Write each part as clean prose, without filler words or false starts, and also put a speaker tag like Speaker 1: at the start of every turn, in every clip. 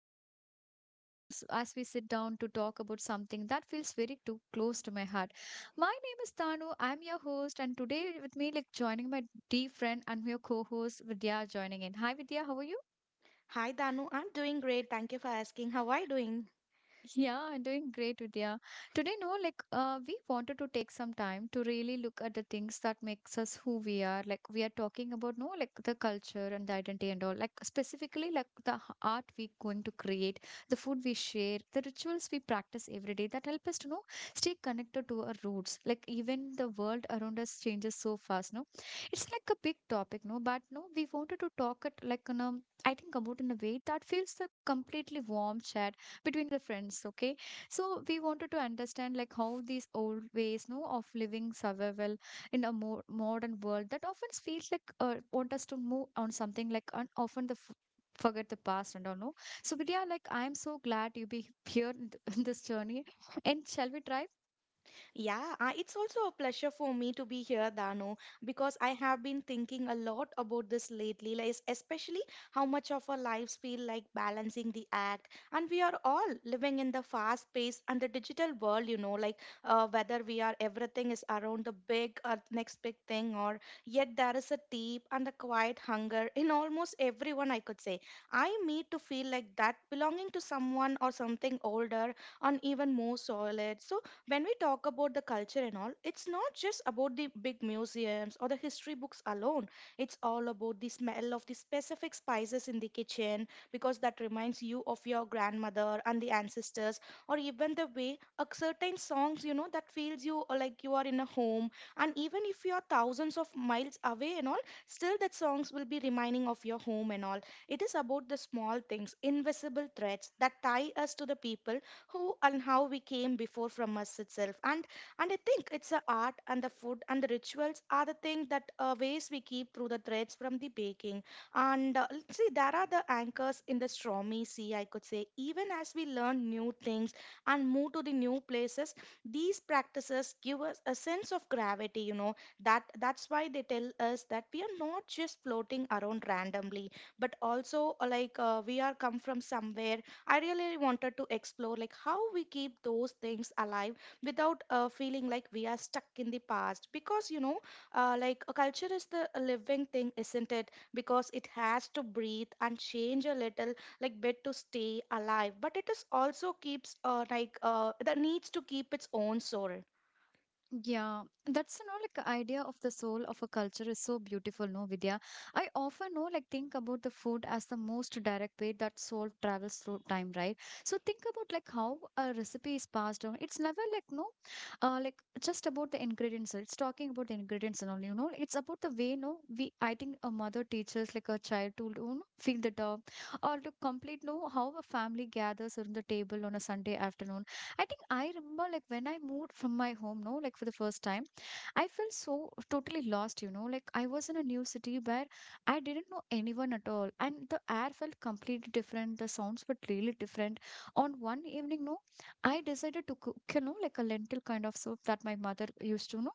Speaker 1: happy to be here with us as we sit down to talk about something that feels very too close to my heart. My name is Tanu. I'm your host, and today with me, like joining my dear friend and your co-host Vidya, joining in. Hi, Vidya. How are you?
Speaker 2: Hi Danu, I'm doing great. Thank you for asking. How are you doing?
Speaker 1: Yeah, I'm doing great, Vidya. Today, no, like we wanted to take some time to really look at the things that makes us who we are. Like we are talking about, no, like the culture and the identity and all. Like specifically, like the art we going to create, the food we share, the rituals we practice every day that help us to know stay connected to our roots. Like even the world around us changes so fast, no. It's like a big topic, no, but no, we wanted to talk it like in a, I think about in a way that feels a completely warm chat between the friends. Okay, so we wanted to understand like how these old ways no of living survival in a more modern world that often feels like want us to move on something like, and often the forget the past and all, no. So Vidya, like I'm so glad you be here in in this journey, and shall we try?
Speaker 2: Yeah, it's also a pleasure for me to be here, Dano, because I have been thinking a lot about this lately, like especially how much of our lives feel like balancing the act. And we are all living in the fast pace and the digital world, you know, like whether we are everything is around the big or next big thing, or yet there is a deep and a quiet hunger in almost everyone, I could say. I meet to feel like that belonging to someone or something older and even more solid. So when we talk about the culture and all, it's not just about the big museums or the history books alone. It's all about the smell of the specific spices in the kitchen because that reminds you of your grandmother and the ancestors, or even the way a certain songs, you know, that feels you like you are in a home. And even if you are thousands of miles away and all, still that songs will be reminding of your home and all. It is about the small things, invisible threads that tie us to the people who and how we came before from us itself, and I think it's the art and the food and the rituals are the thing that ways we keep through the threads from the baking, and let's see, there are the anchors in the stormy sea, I could say. Even as we learn new things and move to the new places, these practices give us a sense of gravity, you know, that's why they tell us that we are not just floating around randomly, but also we are come from somewhere. I really wanted to explore like how we keep those things alive without feeling like we are stuck in the past, because like a culture is the a living thing, isn't it? Because it has to breathe and change a little like bit to stay alive, but it is also keeps that needs to keep its own soul.
Speaker 1: Yeah, that's like idea of the soul of a culture is so beautiful, no, Vidya. I often know like think about the food as the most direct way that soul travels through time, right? So think about like how a recipe is passed down. It's never like no, like just about the ingredients. It's talking about the ingredients and all, you know. It's about the way no we I think a mother teaches like a child to feel the dog, or to complete no how a family gathers around the table on a Sunday afternoon. I think I remember like when I moved from my home, no, like for the first time, I felt so totally lost, you know. Like I was in a new city where I didn't know anyone at all. And the air felt completely different. The sounds were really different. On one evening, no, I decided to cook, you know, like a lentil kind of soup that my mother used to know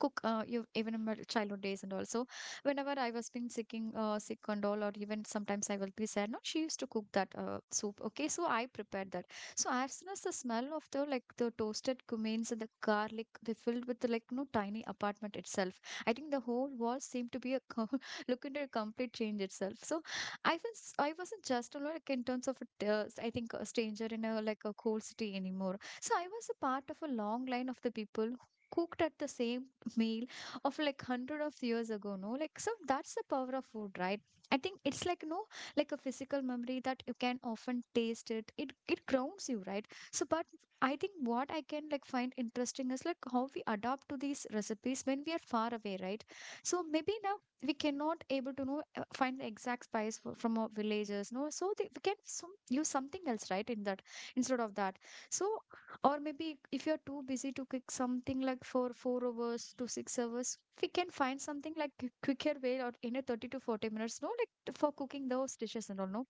Speaker 1: cook you even in my childhood days, and also whenever I was being sicking sick and all, or even sometimes I will be sad, no, she used to cook that soup. Okay, so I prepared that. So as soon as the smell of the like the toasted cummins and the garlic, they filled with the like no tiny apartment itself. I think the whole wall seemed to be a look into a complete change itself. So I wasn't just, you know, like in terms of a I think a stranger in a like a cold city anymore, so I was a part of a long line of the people who cooked at the same meal of like hundred of years ago, no? Like so that's the power of food, right? I think it's like no like a physical memory that you can often taste it. It grounds you, right? So but I think what I can like find interesting is like how we adapt to these recipes when we are far away, right? So maybe now we cannot able to know find the exact spice for, from our villages, no. So they, we can some, use something else, right? In that instead of that. So, or maybe if you're too busy to cook something like for 4 hours to 6 hours, we can find something like quicker way out in a 30 to 40 minutes, no? Like for cooking those dishes and all, no?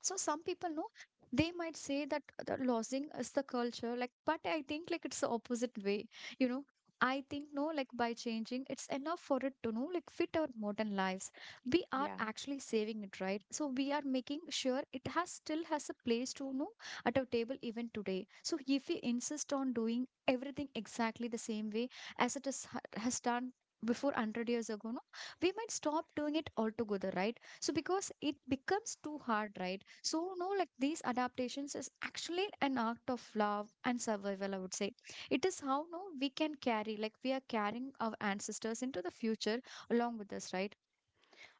Speaker 1: So some people know, they might say that the losing is the culture, like, but I think like it's the opposite way, you know. I think no like by changing it's enough for it to know like fit our modern lives, we are
Speaker 2: Yeah.
Speaker 1: actually saving it, right? So we are making sure it has still has a place to know at our table even today. So if we insist on doing everything exactly the same way as it is, has done before 100 years ago, no, we might stop doing it altogether, right? So because it becomes too hard, right? So, no, like these adaptations is actually an act of love and survival, I would say. It is how no we can carry, like we are carrying our ancestors into the future along with us, right?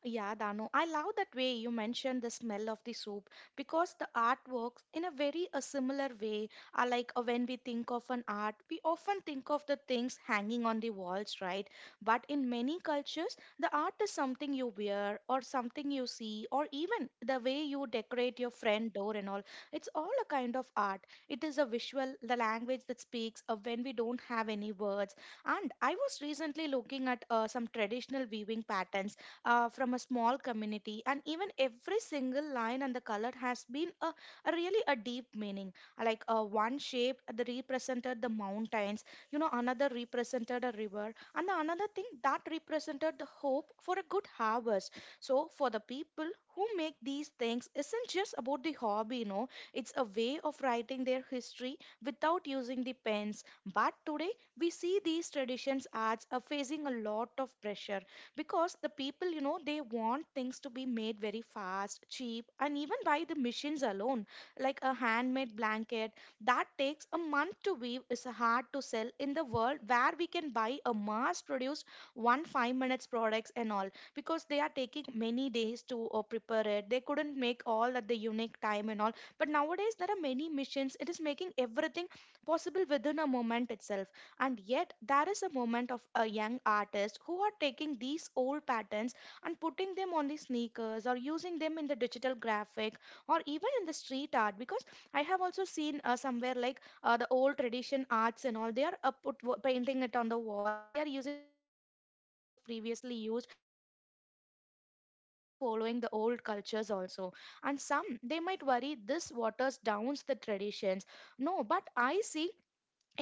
Speaker 2: Yeah, Dano, I love that way you mentioned the smell of the soap because the artworks in a very a similar way are like when we think of an art, we often think of the things hanging on the walls, right? But in many cultures, the art is something you wear or something you see or even the way you decorate your friend door and all. It's all a kind of art. It is a visual, the language that speaks of when we don't have any words. And I was recently looking at some traditional weaving patterns from a small community, and even every single line and the color has been a really a deep meaning, like one shape that represented the mountains, you know, another represented a river, and the another thing that represented the hope for a good harvest. So for the people who make these things, isn't just about the hobby, you know, it's a way of writing their history without using the pens. But today we see these traditions as are facing a lot of pressure because the people, you know, they want things to be made very fast, cheap, and even by the machines alone. Like a handmade blanket that takes a month to weave is hard to sell in the world where we can buy a mass produced one 5 minutes products and all, because they are taking many days to prepare it, they couldn't make all at the unique time and all. But nowadays there are many machines, it is making everything possible within a moment itself. And yet there is a moment of a young artist who are taking these old patterns and putting them on the sneakers, or using them in the digital graphic, or even in the street art. Because I have also seen somewhere like the old tradition arts and all, they are painting it on the wall and they are using the same things that was previously used. So the young generation nowadays, they are following the old cultures also, and some they might worry this waters downs the traditions. No, but I see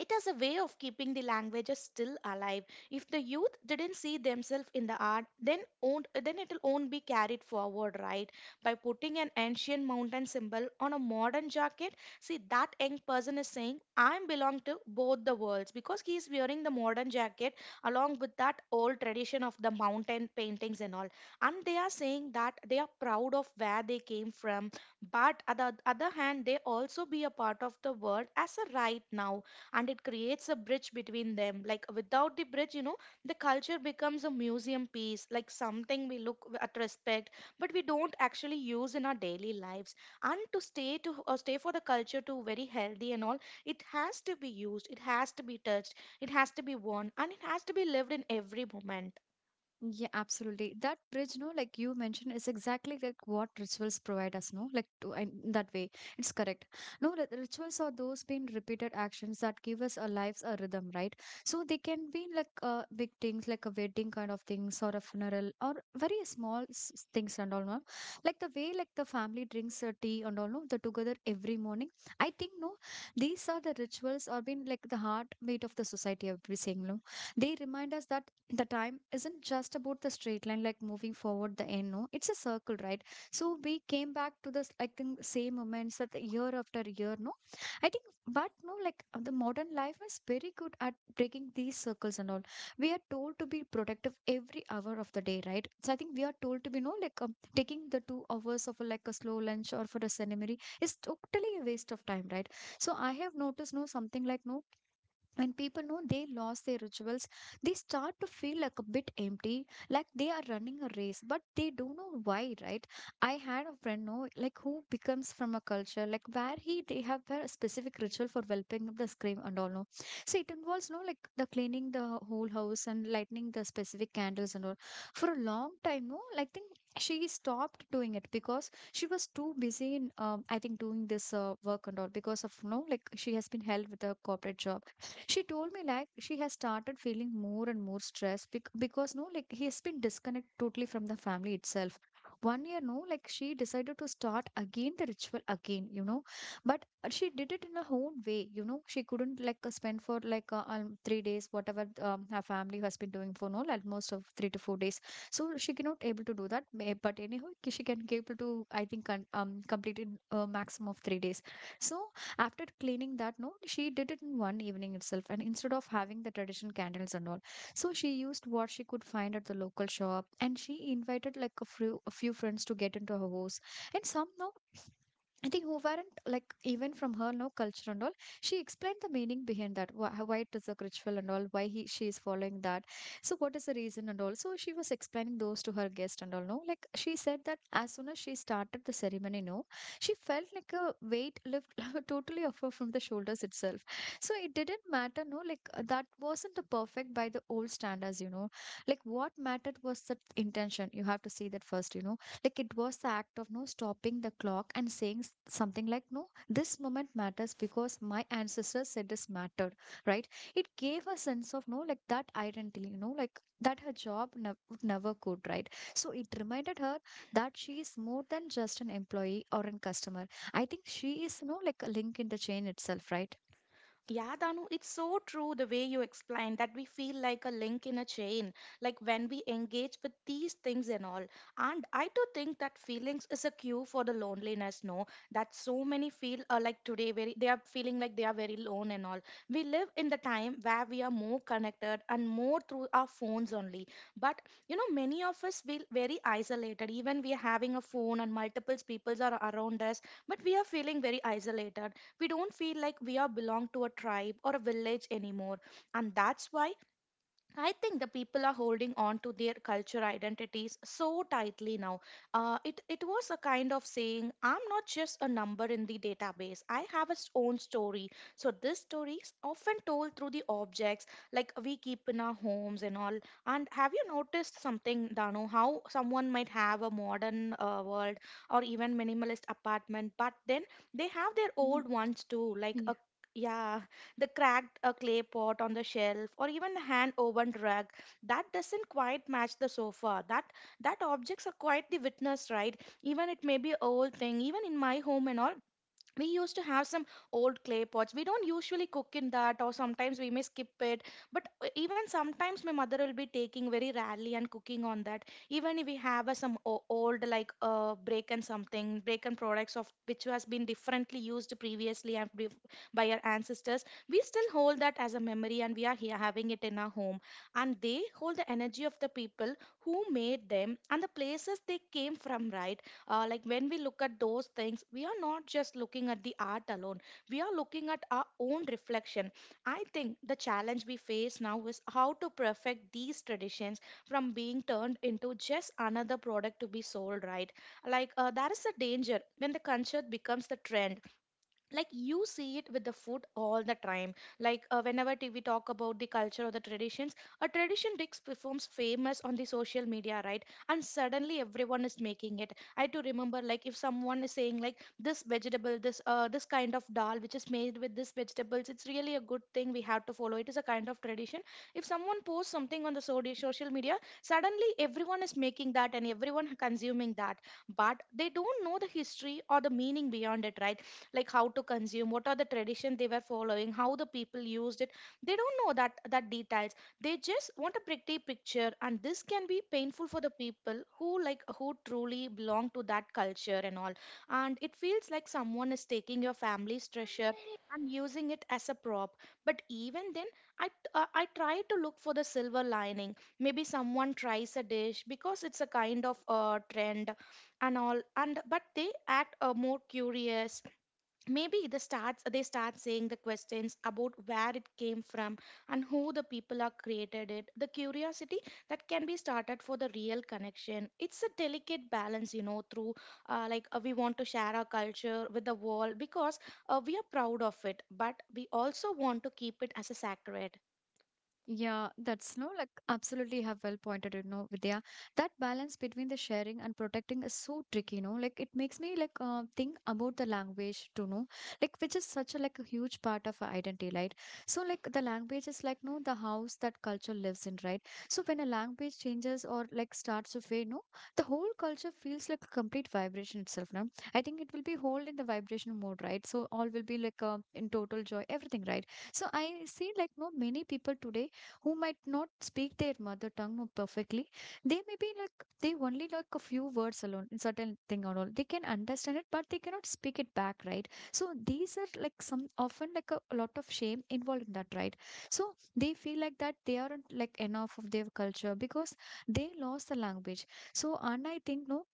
Speaker 2: it is a way of keeping the languages still alive. If the youth didn't see themselves in the art, then won't, then it'll won't be carried forward, right? By putting an ancient mountain symbol on a modern jacket, see that young person is saying, "I belong to both the worlds," because he is wearing the modern jacket along with that old tradition of the mountain paintings and all, and they are saying that they are proud of where they came from, but at the other hand, they also be a part of the world as a right now. And it creates a bridge between them. Like without the bridge, you know, the culture becomes a museum piece, like something we look at respect, but we don't actually use in our daily lives. And to stay for the culture to very healthy and all, it has to be used, it has to be touched, it has to be worn, and it has to be lived in every moment.
Speaker 1: Yeah, absolutely. That bridge, no, like you mentioned, is exactly like what rituals provide us, no? Like to, in that way, it's correct. No, the rituals are those been repeated actions that give us our lives a rhythm, right? So they can be like big things, like a wedding kind of things, or a funeral, or very small things and all, no? Like the way like the family drinks tea and all, no? The together every morning. I think, no, these are the rituals are been like the heartbeat of the society, I would be saying, no? They remind us that the time isn't just about the straight line like moving forward the end, no, it's a circle, right? So we came back to this I think same moments that the year after year, no. I think but no like the modern life is very good at breaking these circles and all. We are told to be productive every hour of the day, right? So I think we are told to be no like taking the 2 hours of a, like a slow lunch or for a seminary is totally a waste of time, right? So I have noticed no something like no, when people know they lost their rituals, they start to feel like a bit empty, like they are running a race but they don't know why, right? I had a friend know like who becomes from a culture like where he they have a specific ritual for whelping of the scream and all, no, so it involves no like the cleaning the whole house and lighting the specific candles and all. For a long time, no, like think she stopped doing it because she was too busy in I think doing this work and all, because of no like she has been held with a corporate job. She told me like she has started feeling more and more stressed because no, like he has been disconnected totally from the family itself. One year, no, like she decided to start again the ritual again, you know. But she did it in her own way, you know. She couldn't like spend for like 3 days, whatever her family has been doing for no, like most of 3 to 4 days. So she cannot able to do that. But anyhow, she can able to I think complete in a maximum of 3 days. So after cleaning that, no, she did it in one evening itself, and instead of having the traditional candles and all, so she used what she could find at the local shop, and she invited like a few friends to get into her house. And some no I think who weren't like even from her no culture and all. She explained the meaning behind that. Why it is a ritual and all. Why he she is following that. So what is the reason and all. So she was explaining those to her guest and all. No, like she said that as soon as she started the ceremony, no, she felt like a weight lift totally off her from the shoulders itself. So it didn't matter, no, like that wasn't the perfect by the old standards, you know. Like what mattered was the intention. You have to see that first, you know. Like it was the act of no stopping the clock and saying something like, no, this moment matters because my ancestors said this mattered, right? It gave a sense of no, like that identity, you know, like that her job would never could, right? So it reminded her that she is more than just an employee or a customer. I think she is, you know, like a link in the chain itself, right?
Speaker 2: Yeah, Danu, it's so true the way you explained that we feel like a link in a chain, like when we engage with these things and all. And I do think that feelings is a cue for the loneliness, no? That so many feel like today, very they are feeling like they are very alone and all. We live in the time where we are more connected and more through our phones only. But you know, many of us feel very isolated. Even we are having a phone and multiple people are around us, but we are feeling very isolated. We don't feel like we are belong to a tribe or a village anymore, and that's why I think the people are holding on to their culture identities so tightly now. It was a kind of saying, "I'm not just a number in the database. I have its own story." So this story is often told through the objects like we keep in our homes and all. And have you noticed something, Dano? How someone might have a modern world or even minimalist apartment, but then they have their
Speaker 1: Mhm.
Speaker 2: old ones too, like a yeah the cracked clay pot on the shelf, or even a hand woven rug that doesn't quite match the sofa. That objects are quite the witness, right? Even it may be old thing, even in my home and all, we used to have some old clay pots we don't usually cook in that, or sometimes we may skip it. But even sometimes my mother will be taking very rarely and cooking on that, even if we have some old like break and something break and products of which has been differently used previously and by our ancestors, we still hold that as a memory and we are here having it in our home. And they hold the energy of the people who made them and the places they came from, right? Like when we look at those things, we are not just looking at the art alone, we are looking at our own reflection. I think the challenge we face now is how to perfect these traditions from being turned into just another product to be sold, right? Like that is a danger when the culture becomes the trend. Like you see it with the food all the time. Like whenever t- we talk about the culture or the traditions, a tradition dish becomes famous on the social media, right? And suddenly everyone is making it. I do remember, like, if someone is saying like this vegetable, this kind of dal which is made with this vegetables, it's really a good thing, we have to follow it, is a kind of tradition. If someone posts something on the social media, suddenly everyone is making that and everyone consuming that, but they don't know the history or the meaning beyond it, right? Like how to consume, what are the tradition they were following, how the people used it, they don't know that details. They just want a pretty picture, and this can be painful for the people who like who truly belong to that culture and all. And it feels like someone is taking your family's treasure and using it as a prop. But even then, I try to look for the silver lining. Maybe someone tries a dish because it's a kind of trend and all, and but They act more curious. Maybe the starts they start saying the questions about where it came from and who the people are created it, the curiosity that can be started for the real connection. It's a delicate balance, you know, through we want to share our culture with the world because we are proud of it, but we also want to keep it as a sacred.
Speaker 1: Yeah, that's no like absolutely have well pointed, you know, Vidya. That balance between the sharing and protecting is so tricky, you know. Like it makes me like think about the language to know, like which is such a like a huge part of our identity, right? So like the language is like no the house that culture lives in, right? So when a language changes or like starts to fade, no, the whole culture feels like a complete vibration itself. Now I think it will be whole in the vibration mode, right? So all will be like in total joy, everything, right? So I see like no many people today who might not speak their mother tongue no perfectly. They may be like, they only like a few words alone, in certain thing or all. They can understand it, but they cannot speak it back, right? So these are like some, often like a lot of shame involved in that, right? So they feel like that they aren't like enough of their culture because they lost the language. So, and I think, no,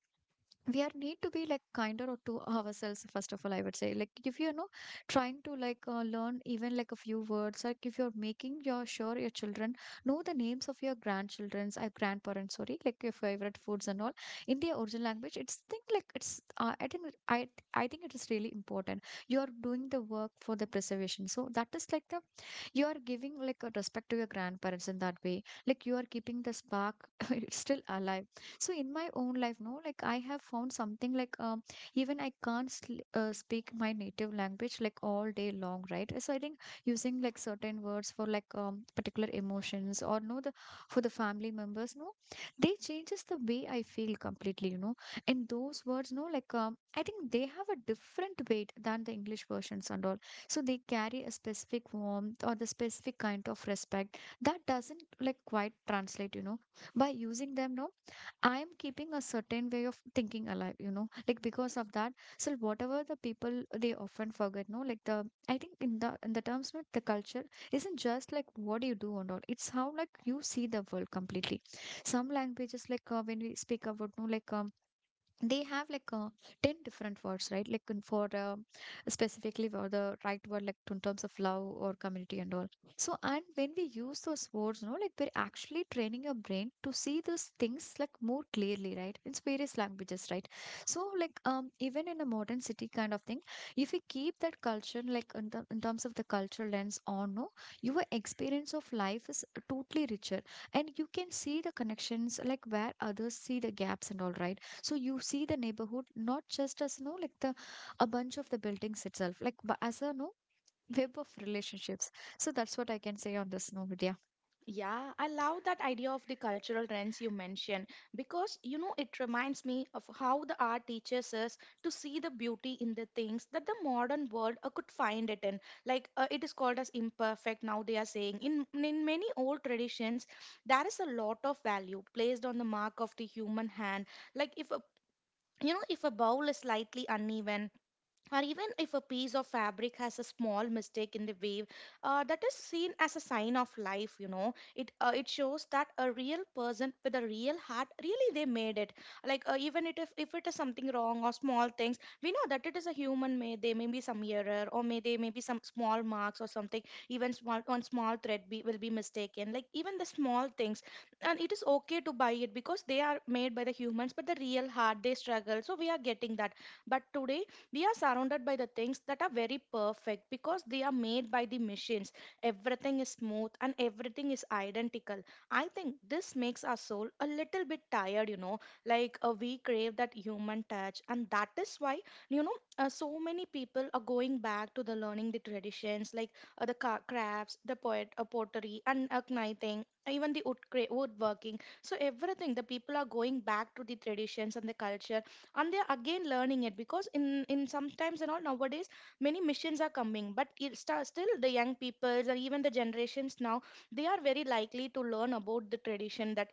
Speaker 1: we are need to be like kinder or to ourselves first of all, I would say, like if you know trying to like learn even like a few words, like if you're making your sure your children know the names of your grandchildren's grandparents, sorry, like your favorite foods and all in their original language, it's think like it's I think i I think it is really important. You are doing the work for the preservation, so that is like the you are giving like a respect to your grandparents in that way, like you are keeping the spark it's still alive. So in my own life, no, like I have found something like even I can't speak my native language like all day long, right? So I think using like certain words for like particular emotions or no the for the family members no, they changes the way I feel completely, you know. And those words no, like I think they have a different weight than the English versions and all. So they carry a specific warmth or the specific kind of respect that doesn't like quite translate, you know. By using them now, I am keeping a certain way of thinking alive, you know, like because of that. So whatever the people, they often forget no like the I think in the terms not, the culture isn't just like what you do and all, it's how like you see the world completely. Some languages like when we speak about no like they have like 10 different words, right? Like in for specifically for the right word, like in terms of love or community and all. So and when we use those words, no, like we're actually training your brain to see those things like more clearly, right, in various languages, right? So like even in a modern city kind of thing, if we keep that culture like in, the, in terms of the cultural lens on no, your experience of life is totally richer, and you can see the connections like where others see the gaps and all, right? So you see the neighborhood not just as no like the a bunch of the buildings itself like as a no web of relationships. So that's what I can say on this, no, Vidya.
Speaker 2: Yeah, I love that idea of the cultural trends you mentioned because you know it reminds me of how the art teaches us to see the beauty in the things that the modern world could find it in. Like it is called as imperfect. Now they are saying in many old traditions there is a lot of value placed on the mark of the human hand. Like if a, you know, if a bowl is slightly uneven or even if a piece of fabric has a small mistake in the weave, that is seen as a sign of life. You know, it it shows that a real person with a real heart really they made it. Like even it, if it is something wrong or small things, we know that it is a human made. There may be some error, or may there may be some small marks or something. Even small one small thread be, will be mistaken, like even the small things, and it is okay to buy it because they are made by the humans, but the real heart they struggle, so we are getting that. But today we are surrounded by the things that are very perfect because they are made by the machines. Everything is smooth and everything is identical. I think this makes our soul a little bit tired, you know. Like we crave that human touch, and that is why, you know, so many people are going back to the learning the traditions. Like the crafts, the poet pottery, and knitting, even the woodworking. So everything the people are going back to the traditions and the culture, and they're again learning it because in sometimes and all nowadays many missions are coming, but it still the young peoples or even the generations now, they are very likely to learn about the tradition that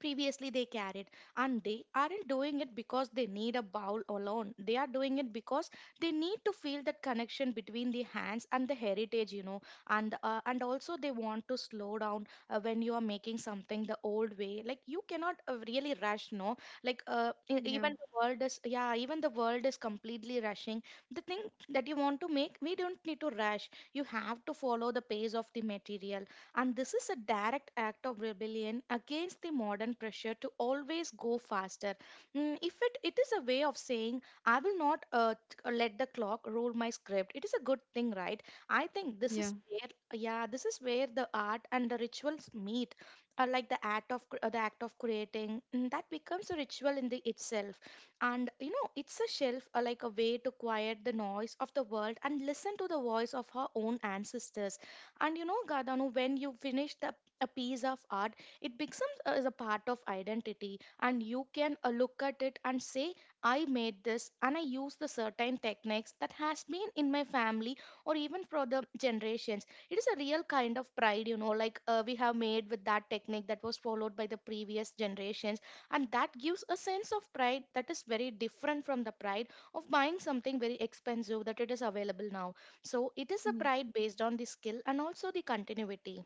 Speaker 2: previously they carried. And they aren't doing it because they need a bowl alone, they are doing it because they need to feel that connection between the hands and the heritage, you know. And and also they want to slow down. When you are making something the old way, like you cannot really rush, no. Like
Speaker 1: Yeah,
Speaker 2: even the world is, yeah, even the world is completely rushing. The thing that you want to make, we don't need to rush. You have to follow the pace of the material, and this is a direct act of rebellion against the modern pressure to always go faster. Mm, if it, it is a way of saying, I will not let the clock rule my script, it is a good thing, right? I think this
Speaker 1: yeah,
Speaker 2: is where, yeah, this is where the art and the rituals meet. Like the the act of creating, mm, that becomes a ritual in the itself. And you know it's a shelf, like a way to quiet the noise of the world and listen to the voice of her own ancestors. And you know, Gadanu, when you finish the a piece of art, it becomes as a part of identity, and you can look at it and say, "I made this, and I use the certain techniques that has been in my family or even for the generations." It is a real kind of pride, you know, like we have made with that technique that was followed by the previous generations, and that gives a sense of pride that is very different from the pride of buying something very expensive that it is available now. So it is a pride based on the skill and also the continuity.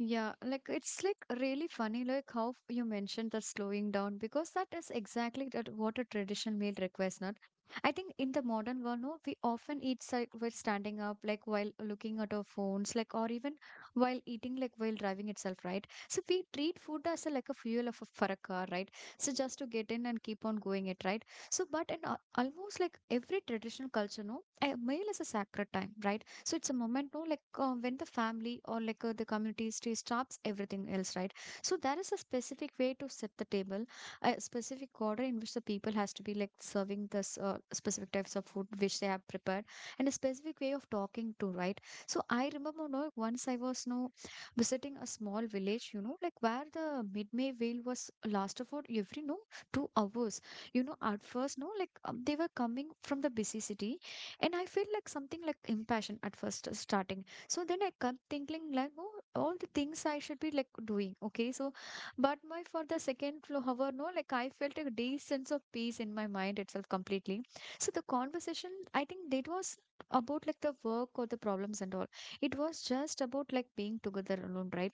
Speaker 1: yeah, like it's like really funny, like how you mentioned that slowing down, because that is exactly that what a traditional meal requires. Not, I think in the modern world, no, we often eat like while standing up, like while looking at our phones, like or even while eating, like while driving itself, right? So we treat food as a, like a fuel of a, for a car, right? So just to get in and keep on going it, right? So, but in almost like every traditional culture, no, a meal is a sacred time, right? So it's a moment, no, like when the family or like the community stay stops everything else, right? So there is a specific way to set the table, a specific order in which the people has to be like serving this specific types of food which they have prepared, and a specific way of talking to, right? So I remember, no, once I was no visiting a small village, you know, like where the mid-May whale was last of all, every no 2 hours. You know, at first, no, like they were coming from the busy city and I feel like something like impassioned at first starting. So then I kept thinking like, oh, all the things I should be like doing, okay, so but my for the second floor however no, like I felt a deep sense of peace in my mind itself completely. So the conversation, I think, it was about like the work or the problems and all, it was just about like being together alone, right?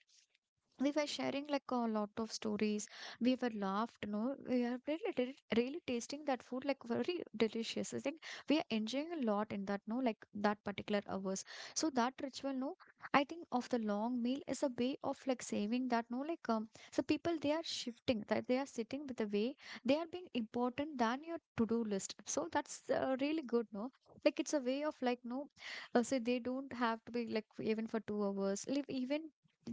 Speaker 1: We were sharing like a lot of stories, we were laughed no, we are really really really tasting that food, like very delicious, I think we are enjoying a lot in that no, like that particular hours. So that ritual no, I think of the long meal is a way of like saving that no like so people, they are shifting that they are sitting with the way they are being important than your to-do list. So that's really good no, like it's a way of like no so they don't have to be like even for 2 hours, like even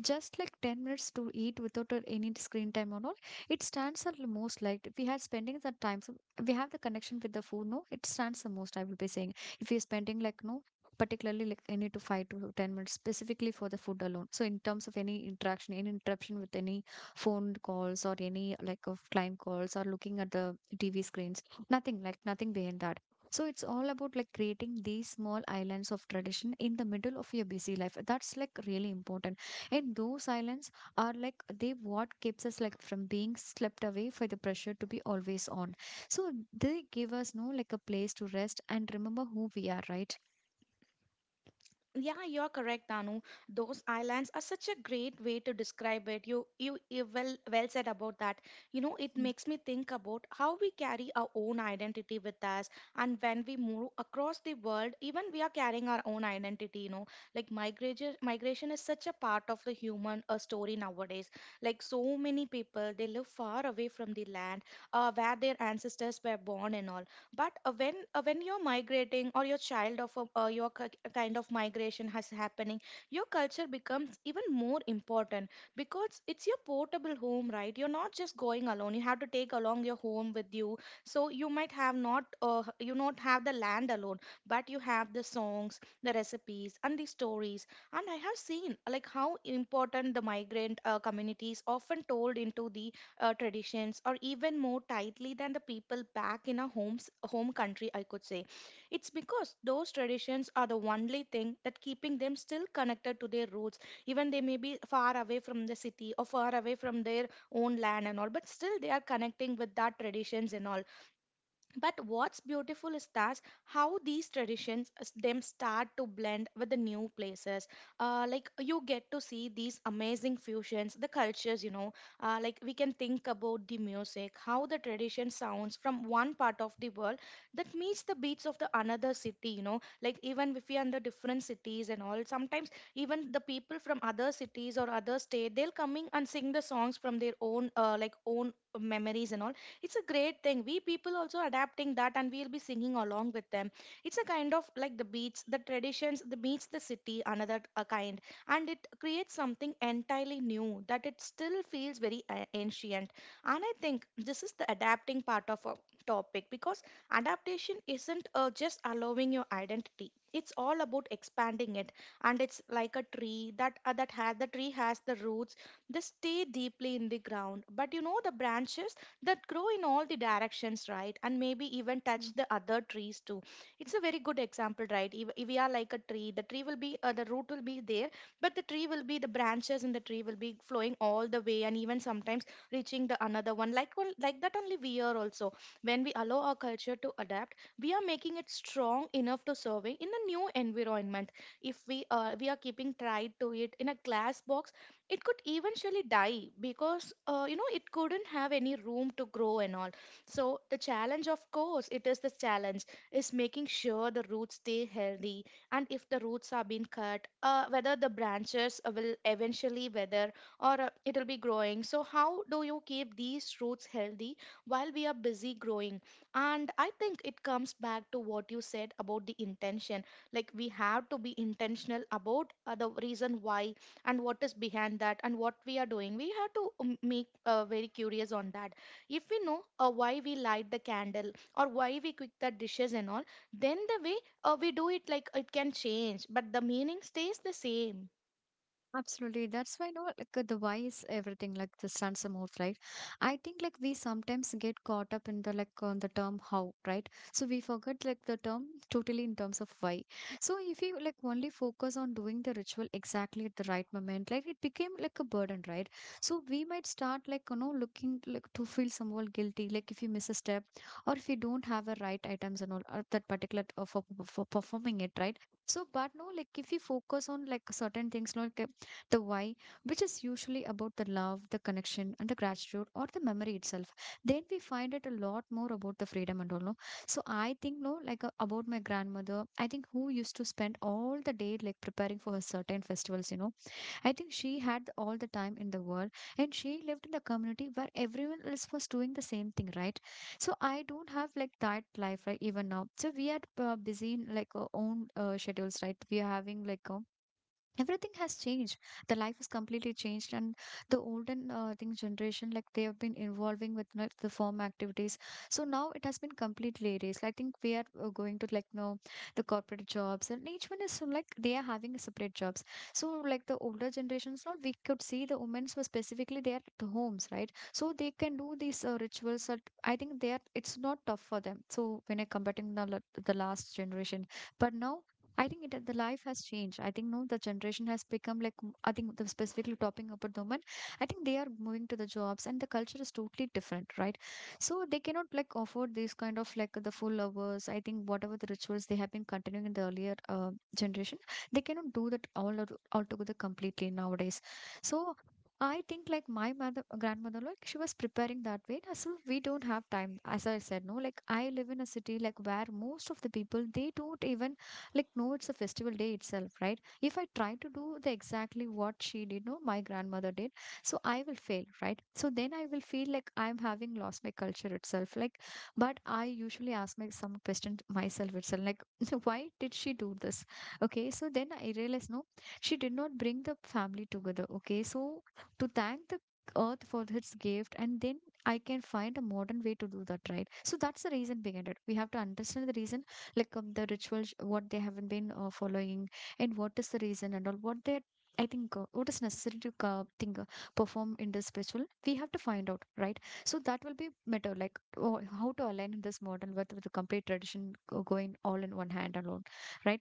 Speaker 1: just like 10 minutes to eat without any screen time or not. It stands the most, like if we had spending the time, so we have the connection with the food, no, it stands the most, I will be saying. If we are spending like no particularly like any to 5 to 10 minutes specifically for the food alone, so in terms of any interaction, any interruption with any phone calls or any like of client calls or looking at the TV screens, nothing like nothing behind that. So it's all about like creating these small islands of tradition in the middle of your busy life. That's like really important. And those silence are like they what keeps us like from being swept away for the pressure to be always on. So they give us no like a place to rest and remember who we are, right?
Speaker 2: Yeah, you're correct, Anu. Those islands are such a great way to describe it. You well, well said about that. You know, it
Speaker 1: Mm.
Speaker 2: makes me think about how we carry our own identity with us, and when we move across the world, even we are carrying our own identity. You know, like migration is such a part of the human story nowadays. Like so many people, they live far away from the land where their ancestors were born and all. But when when you're migrating or your your kind of migration has happening, your culture becomes even more important because it's your portable home, right? You're not just going alone, you have to take along your home with you. So you might have not you not have the land alone, but you have the songs, the recipes, and the stories. And I have seen like how important the migrant communities often told into the traditions, or even more tightly than the people back in our homes home country, I could say. It's because those traditions are the only thing that keeping them still connected to their roots. Even they may be far away from the city or far away from their own land and all, but still they are connecting with that traditions and all. But what's beautiful is that how these traditions them start to blend with the new places. Like you get to see these amazing fusions, the cultures, you know. Like we can think about the music, how the tradition sounds from one part of the world that meets the beats of the another city, you know. Like even if we are in the different cities and all, sometimes even the people from other cities or other state, they'll coming and sing the songs from their own own memories and all. It's a great thing, we people also adapting that, and we'll be singing along with them. It's a kind of like the beats, the traditions, the beats, the city another kind, and it creates something entirely new that it still feels very ancient. And I think this is the adapting part of our topic because adaptation isn't just allowing your identity, it's all about expanding it. And it's like a tree that has the tree has the roots. They stay deeply in the ground, but you know the branches that grow in all the directions, right? And maybe even touch the other trees too. It's a very good example, right? If we are like a tree, the tree will be, the root will be there, but the tree will be, the branches in the tree will be flowing all the way and even sometimes reaching the another one. Like, well, like that only we are also. When we allow our culture to adapt, we are making it strong enough to survive in a new environment. If we, we are keeping tied to it in a glass box, it could eventually die because you know it couldn't have any room to grow and all. So the challenge, of course it is the challenge, is making sure the roots stay healthy. And if the roots are being cut whether the branches will eventually wither or it will be growing. So how do you keep these roots healthy while we are busy growing? And I think it comes back to what you said about the intention. Like we have to be intentional about the reason why and what is behind that and what we are doing. We have to make very curious on that. If we know why we light the candle or why we cook the dishes and all, then the way we do it, like it can change, but the meaning stays the same.
Speaker 1: Absolutely. That's why, no, like the why is everything, like the stands and move, right? I think like we sometimes get caught up in the like on the term how, right? So we forget like the term totally in terms of why. So if you like only focus on doing the ritual exactly at the right moment, like it became like a burden, right? So we might start like, you know, looking like to feel somewhat guilty, like if you miss a step or if you don't have the right items and all or that particular for, for performing it, right? So, but no, like if you focus on like certain things, like the why, which is usually about the love, the connection, and the gratitude or the memory itself. Then we find it a lot more about the freedom and all. No? So I think, no, like about my grandmother, I think who used to spend all the day like preparing for her certain festivals, you know. I think she had all the time in the world, and she lived in the community where everyone else was doing the same thing, right? So I don't have like that life, right? Even now. So we are busy in like our own schedules, right? We are having like, everything has changed, the life is completely changed, and the olden thing generation like they have been involving with like, the form activities. So now it has been completely erased, I think we are going to like know the corporate jobs, and each one is like they are having a separate jobs. So like the older generations now, we could see the women were specifically they are at homes, right? So they can do these rituals that I think they are, it's not tough for them. So when I comparing the, the last generation, but now I think it the life has changed. I think no, the generation has become like I think the specifically talking about the women. I think they are moving to the jobs and the culture is totally different, right? So they cannot like afford these kind of like the full hours. I think whatever the rituals they have been continuing in the earlier generation, they cannot do that all altogether completely nowadays. So. I think like my mother grandmother like she was preparing that way now, so we don't have time as I said, no, like I live in a city like where most of the people they don't even like, no, it's a festival day itself, right? If I try to do the exactly what she did, no, my grandmother did, so I will fail, right? So then I will feel like I'm having lost my culture itself like. But I usually ask my some question myself itself like, why did she do this? Okay, so then I realize, no, she did not bring the family together, okay, so to thank the earth for its gift, and then I can find a modern way to do that, right? So that's the reason behind it. We have to understand the reason like, the rituals what they haven't been following, and what is the reason and all what they, I think what is necessary to think perform in this spiritual, we have to find out, right? So that will be matter like, oh, how to align in this model with the complete tradition going all in one hand alone, right?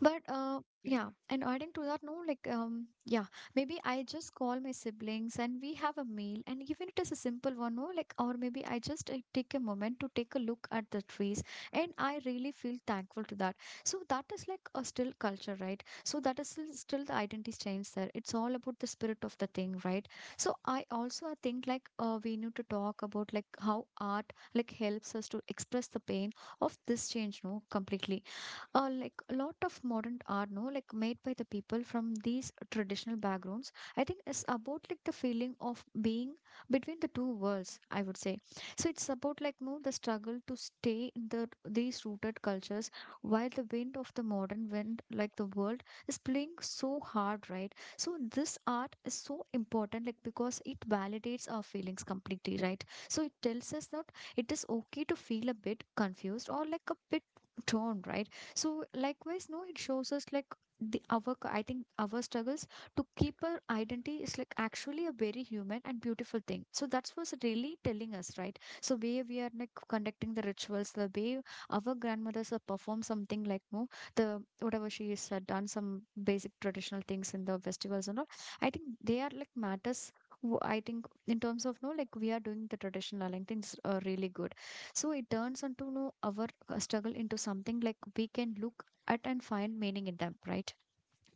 Speaker 1: But yeah,
Speaker 2: Yeah.
Speaker 1: and adding to that, no, like yeah, maybe I just call my siblings and we have a meal, and even it is a simple one, no, like, or maybe I just take a moment to take a look at the trees, and I really feel thankful to that. So that is like a still culture, right? So that is still, still the identity change there. It's all about the spirit of the thing, right? So I also think like we need to talk about like how art like helps us to express the pain of this change, no, completely. Like a lot of modern art, no, like made by the people from these traditional backgrounds, I think it's about like the feeling of being between the two worlds, I would say. So it's about like, no, the struggle to stay in the these rooted cultures while the wind of the modern wind like the world is playing so hard, right? So this art is so important like, because it validates our feelings completely, right? So it tells us that it is okay to feel a bit confused or like a bit torn, right? So likewise, no, it shows us like the our I think our struggles to keep our identity is like actually a very human and beautiful thing, so that's what's really telling us, right? So way we are like conducting the rituals the way our grandmothers have performed something like, no, the whatever she has done some basic traditional things in the festivals and all, I think they are like matters. I think in terms of, no, like we are doing the traditional aligning things are really good. So it turns into, no, our struggle into something like we can look at and find meaning in them, right?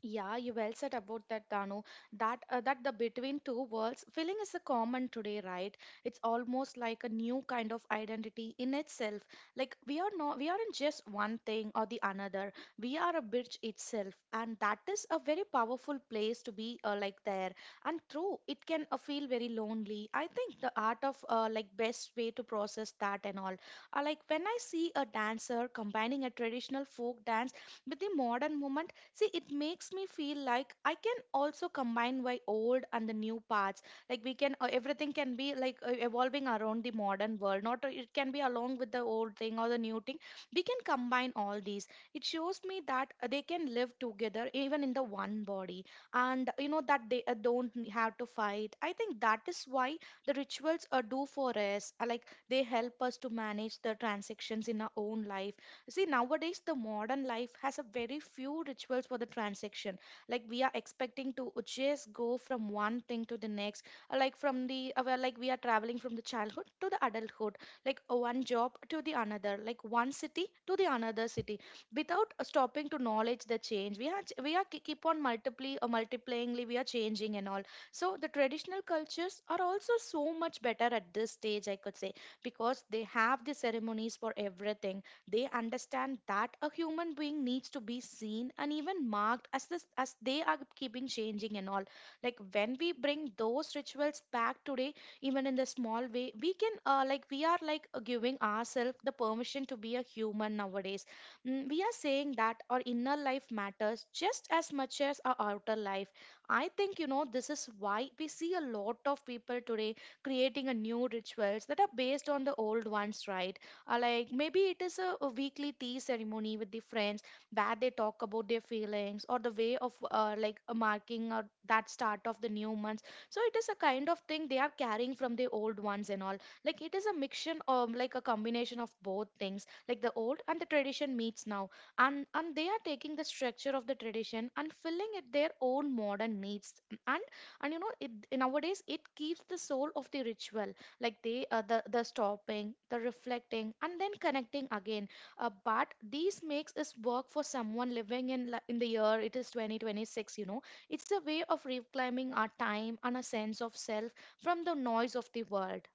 Speaker 2: Yeah, you well said about that, Danu. That the between two worlds feeling is a common today, right? It's almost like a new kind of identity in itself. Like we are not, we aren't just one thing or the another. We are a bridge itself, and that is a very powerful place to be like there. And through it can feel very lonely. I think the art of like best way to process that and all. Like when I see a dancer combining a traditional folk dance with the modern movement, see, it makes me feel like I can also combine my old and the new parts. Like we can, everything can be like evolving around the modern world. Not it can be along with the old thing or the new thing. We can combine all these. It shows me that they can live together even in the one body, and you know that they don't have to fight. I think that is why the rituals are do for us. Like they help us to manage the transactions in our own life. See, nowadays the modern life has a very few rituals for the transaction. Like we are expecting to just go from one thing to the next. Like from the like we are traveling from the childhood to the adulthood, like one job to the another, like one city to the another city, without stopping to knowledge the change. We are keep on multiplyingly we are changing and all. So the traditional cultures are also so much better at this stage, I could say, because they have the ceremonies for everything. They understand that a human being needs to be seen and even marked as this as they are keeping changing and all. Like when we bring those rituals back today, even in the small way, we can we are giving ourselves the permission to be a human nowadays. Mm, we are saying that our inner life matters just as much as our outer life. I think you know this is why we see a lot of people today creating a new rituals that are based on the old ones, right? Like maybe it is a weekly tea ceremony with the friends where they talk about their feelings or the way of like a marking or that start of the new months. So it is a kind of thing they are carrying from the old ones and all. Like it is a mixture of like a combination of both things, like the old and the tradition meets now. And they are taking the structure of the tradition and filling it their own modern needs. And and you know it nowadays it keeps the soul of the ritual, like they the stopping the reflecting and then connecting again, but these makes us work for someone living in in the year it is 2026, you know. It's a way of reclaiming our time and a sense of self from the noise of the world.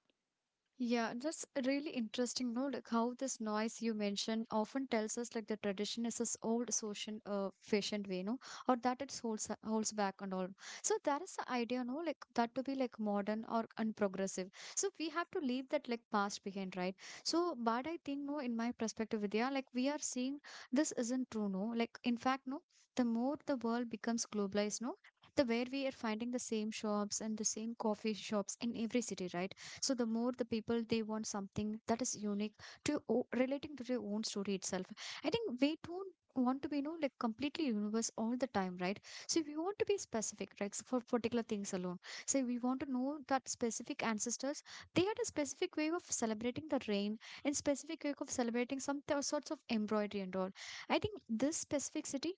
Speaker 1: Yeah, that's really interesting, no? Like how this noise you mentioned often tells us like the tradition is this old social fashioned way, no? Or that it holds back and all. So that is the idea, no? Like that to be like modern or unprogressive. So we have to leave that like past behind, right? So but I think, no, in my perspective, Vidya, like we are seeing this isn't true, no? Like in fact, no, the more the world becomes globalized, no? The where we are finding the same shops and the same coffee shops in every city, right? So the more the people they want something that is unique to relating to their own story itself. I think we don't want to be, you know, like completely universe all the time, right? So we want to be specific, right? So for particular things alone, say we want to know that specific ancestors they had a specific way of celebrating the rain, and specific way of celebrating some sorts of embroidery and all. I think this specificity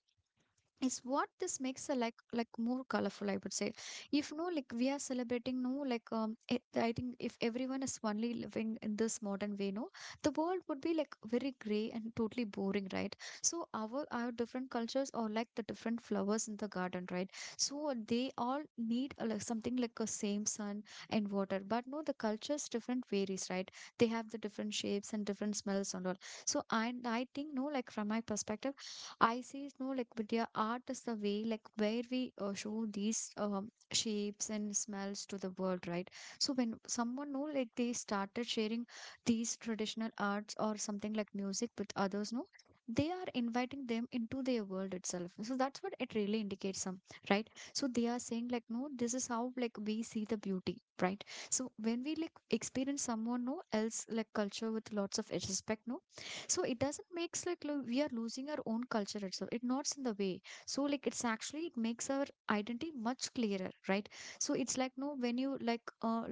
Speaker 1: is what this makes a like more colorful, I would say. If, no, like we are celebrating, no, like it, I think if everyone is only living in this modern way, no, the world would be like very gray and totally boring, right? So our different cultures are like the different flowers in the garden, right? So they all need a, like something like a same sun and water, but no, the cultures different varies, right? They have the different shapes and different smells and all. So I think, no, like from my perspective, I see, no, like with their art is the way like where we show these shapes and smells to the world, right? So when someone know like they started sharing these traditional arts or something like music with others, no, they are inviting them into their world itself. So that's what it really indicates some, right? So they are saying like, no, this is how like we see the beauty, right? So when we like experience someone, no, else like culture with lots of respect, no, so it doesn't makes like we are losing our own culture itself, it nots in the way. So like it's actually it makes our identity much clearer, right? So it's like, no, when you like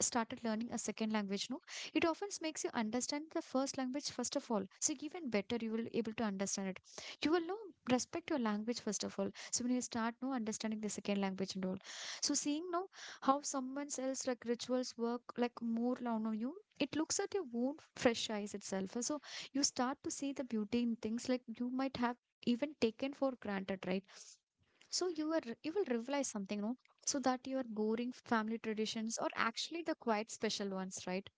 Speaker 1: started learning a second language, no, it often makes you understand the first language first of all, so even better you will able to understand it. You will know respect your language first of all, so when you start, no, understanding the second language and all, so seeing, no, how someone else like rituals work like more now on you, it looks at your own fresh eyes itself. So you start to see the beauty in things like you might have even taken for granted, right? So you are you will realize something, no, so that your boring family traditions are actually the quite special ones, right?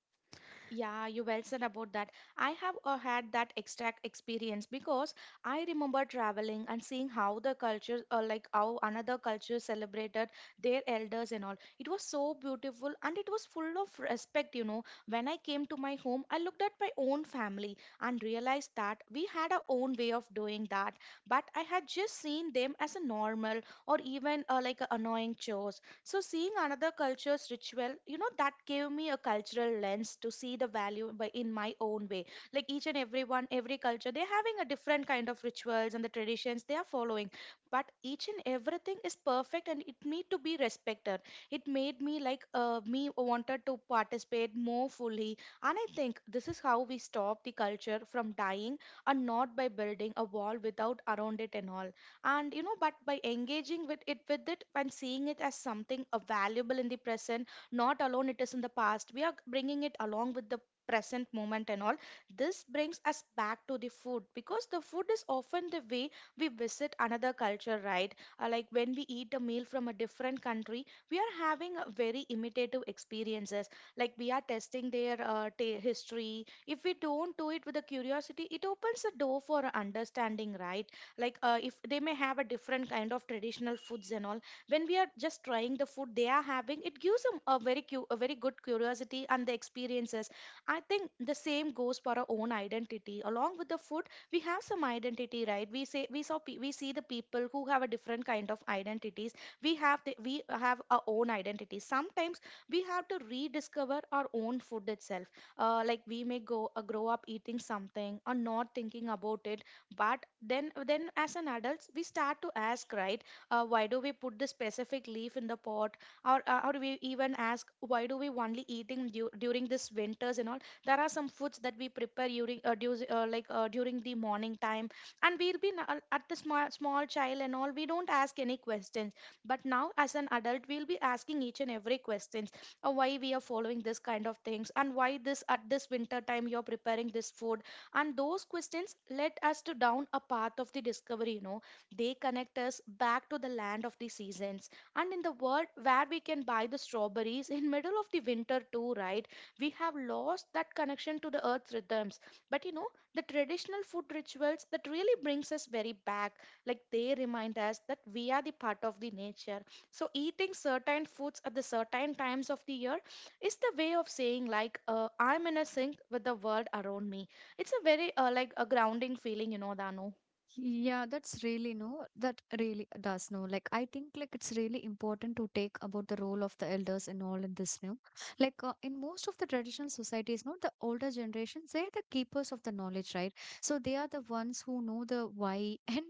Speaker 2: Yeah, you well said about that. I have had that exact experience because I remember traveling and seeing how the culture, like how another culture celebrated their elders and all. It was so beautiful and it was full of respect, you know. When I came to my home, I looked at my own family and realized that we had our own way of doing that, but I had just seen them as a normal or even like a annoying chores. So seeing another culture's ritual, you know, that gave me a cultural lens to see the value by in my own way. Like each and every one, every culture, they're having a different kind of rituals and the traditions they are following. But each and everything is perfect and it need to be respected. It made me me wanted to participate more fully. And I think this is how we stop the culture from dying, and not by building a wall without around it and all, and you know but by engaging with it and seeing it as something valuable in the present, not alone it is in the past. We are bringing it along with the present moment and all. This brings us back to the food, because the food is often the way we visit another culture, right? Like when we eat a meal from a different country, we are having a very imitative experiences. Like we are testing their ta history. If we don't do it with a curiosity, it opens a door for a understanding, right? Like if they may have a different kind of traditional foods and all, when we are just trying the food they are having, it gives them a a very good curiosity and the experiences. I think the same goes for our own identity along with the food. We have some identity, right? we say we saw pe- We see the people who have a different kind of identities. We have our own identity. Sometimes we have to rediscover our own food itself. Like we may go grow up eating something or not thinking about it, but then as an adults we start to ask, right? Why do we put the specific leaf in the pot, or we even ask why do we only eating during this winters and all. There are some foods that we prepare during during the morning time, and we'll be at the small, small child and all, we don't ask any questions. But now as an adult we'll be asking each and every questions. Why we are following this kind of things, and why this at this winter time you're preparing this food. And those questions led us to down a path of the discovery, you know. They connect us back to the land of the seasons, and in the world where we can buy the strawberries in middle of the winter too, right? We have lost that connection to the earth rhythms. But you know, the traditional food rituals that really brings us very back. Like they remind us that we are the part of the nature. So eating certain foods at the certain times of the year is the way of saying like, I'm in a sync with the world around me. It's a very a grounding feeling, you know, Dano.
Speaker 1: Yeah, that's really no, that really does no. Like I think like it's really important to take about the role of the elders and all in this new. Like in most of the traditional societies, no, the older generations they are the keepers of the knowledge, right? So they are the ones who know the why and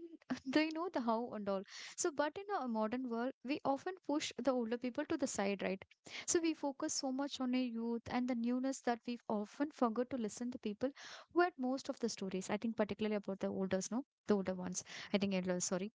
Speaker 1: they know the how and all. So but in a modern world, we often push the older people to the side, right? So we focus so much on a youth and the newness that we often forget to listen to people who had most of the stories. I think particularly about the olders, no, the older ones. I think, yeah, sorry.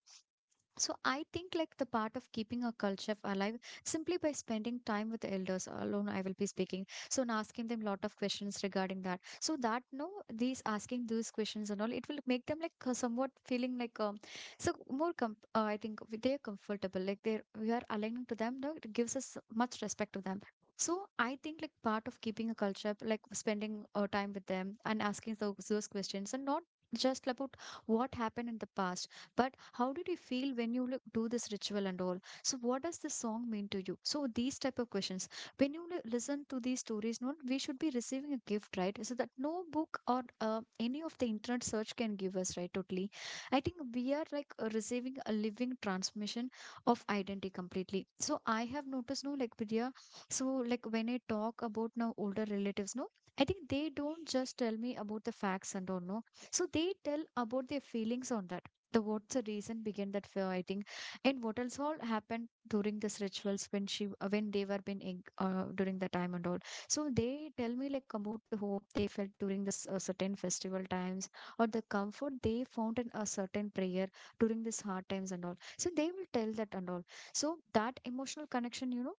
Speaker 1: So I think like the part of keeping our culture alive simply by spending time with the elders alone I will be speaking. So and asking them lot of questions regarding that. So that, no, these asking those questions and all it will make them like somewhat feeling like so I think they are comfortable like they're we are aligning to them, no, it gives us much respect to them. So I think like part of keeping a culture like spending time with them and asking those questions, and not just about what happened in the past, but how did you feel when you like, do this ritual and all? So what does this song mean to you? So these type of questions, when you listen to these stories not we should be receiving a gift, right? So that no book or any of the internet search can give us, right, totally. I think we are like receiving a living transmission of identity completely. So I have noticed, no, like Vidya. So like when I talk about now older relatives, no, I think they don't just tell me about the facts and all, no. So they tell about their feelings on that, the what's the reason behind that fear, I think, and what else all happened during this rituals when she when they were being during the time and all. So they tell me like about the hope they felt during this certain festival times, or the comfort they found in a certain prayer during this hard times and all, so they will tell that and all. So that emotional connection, you know,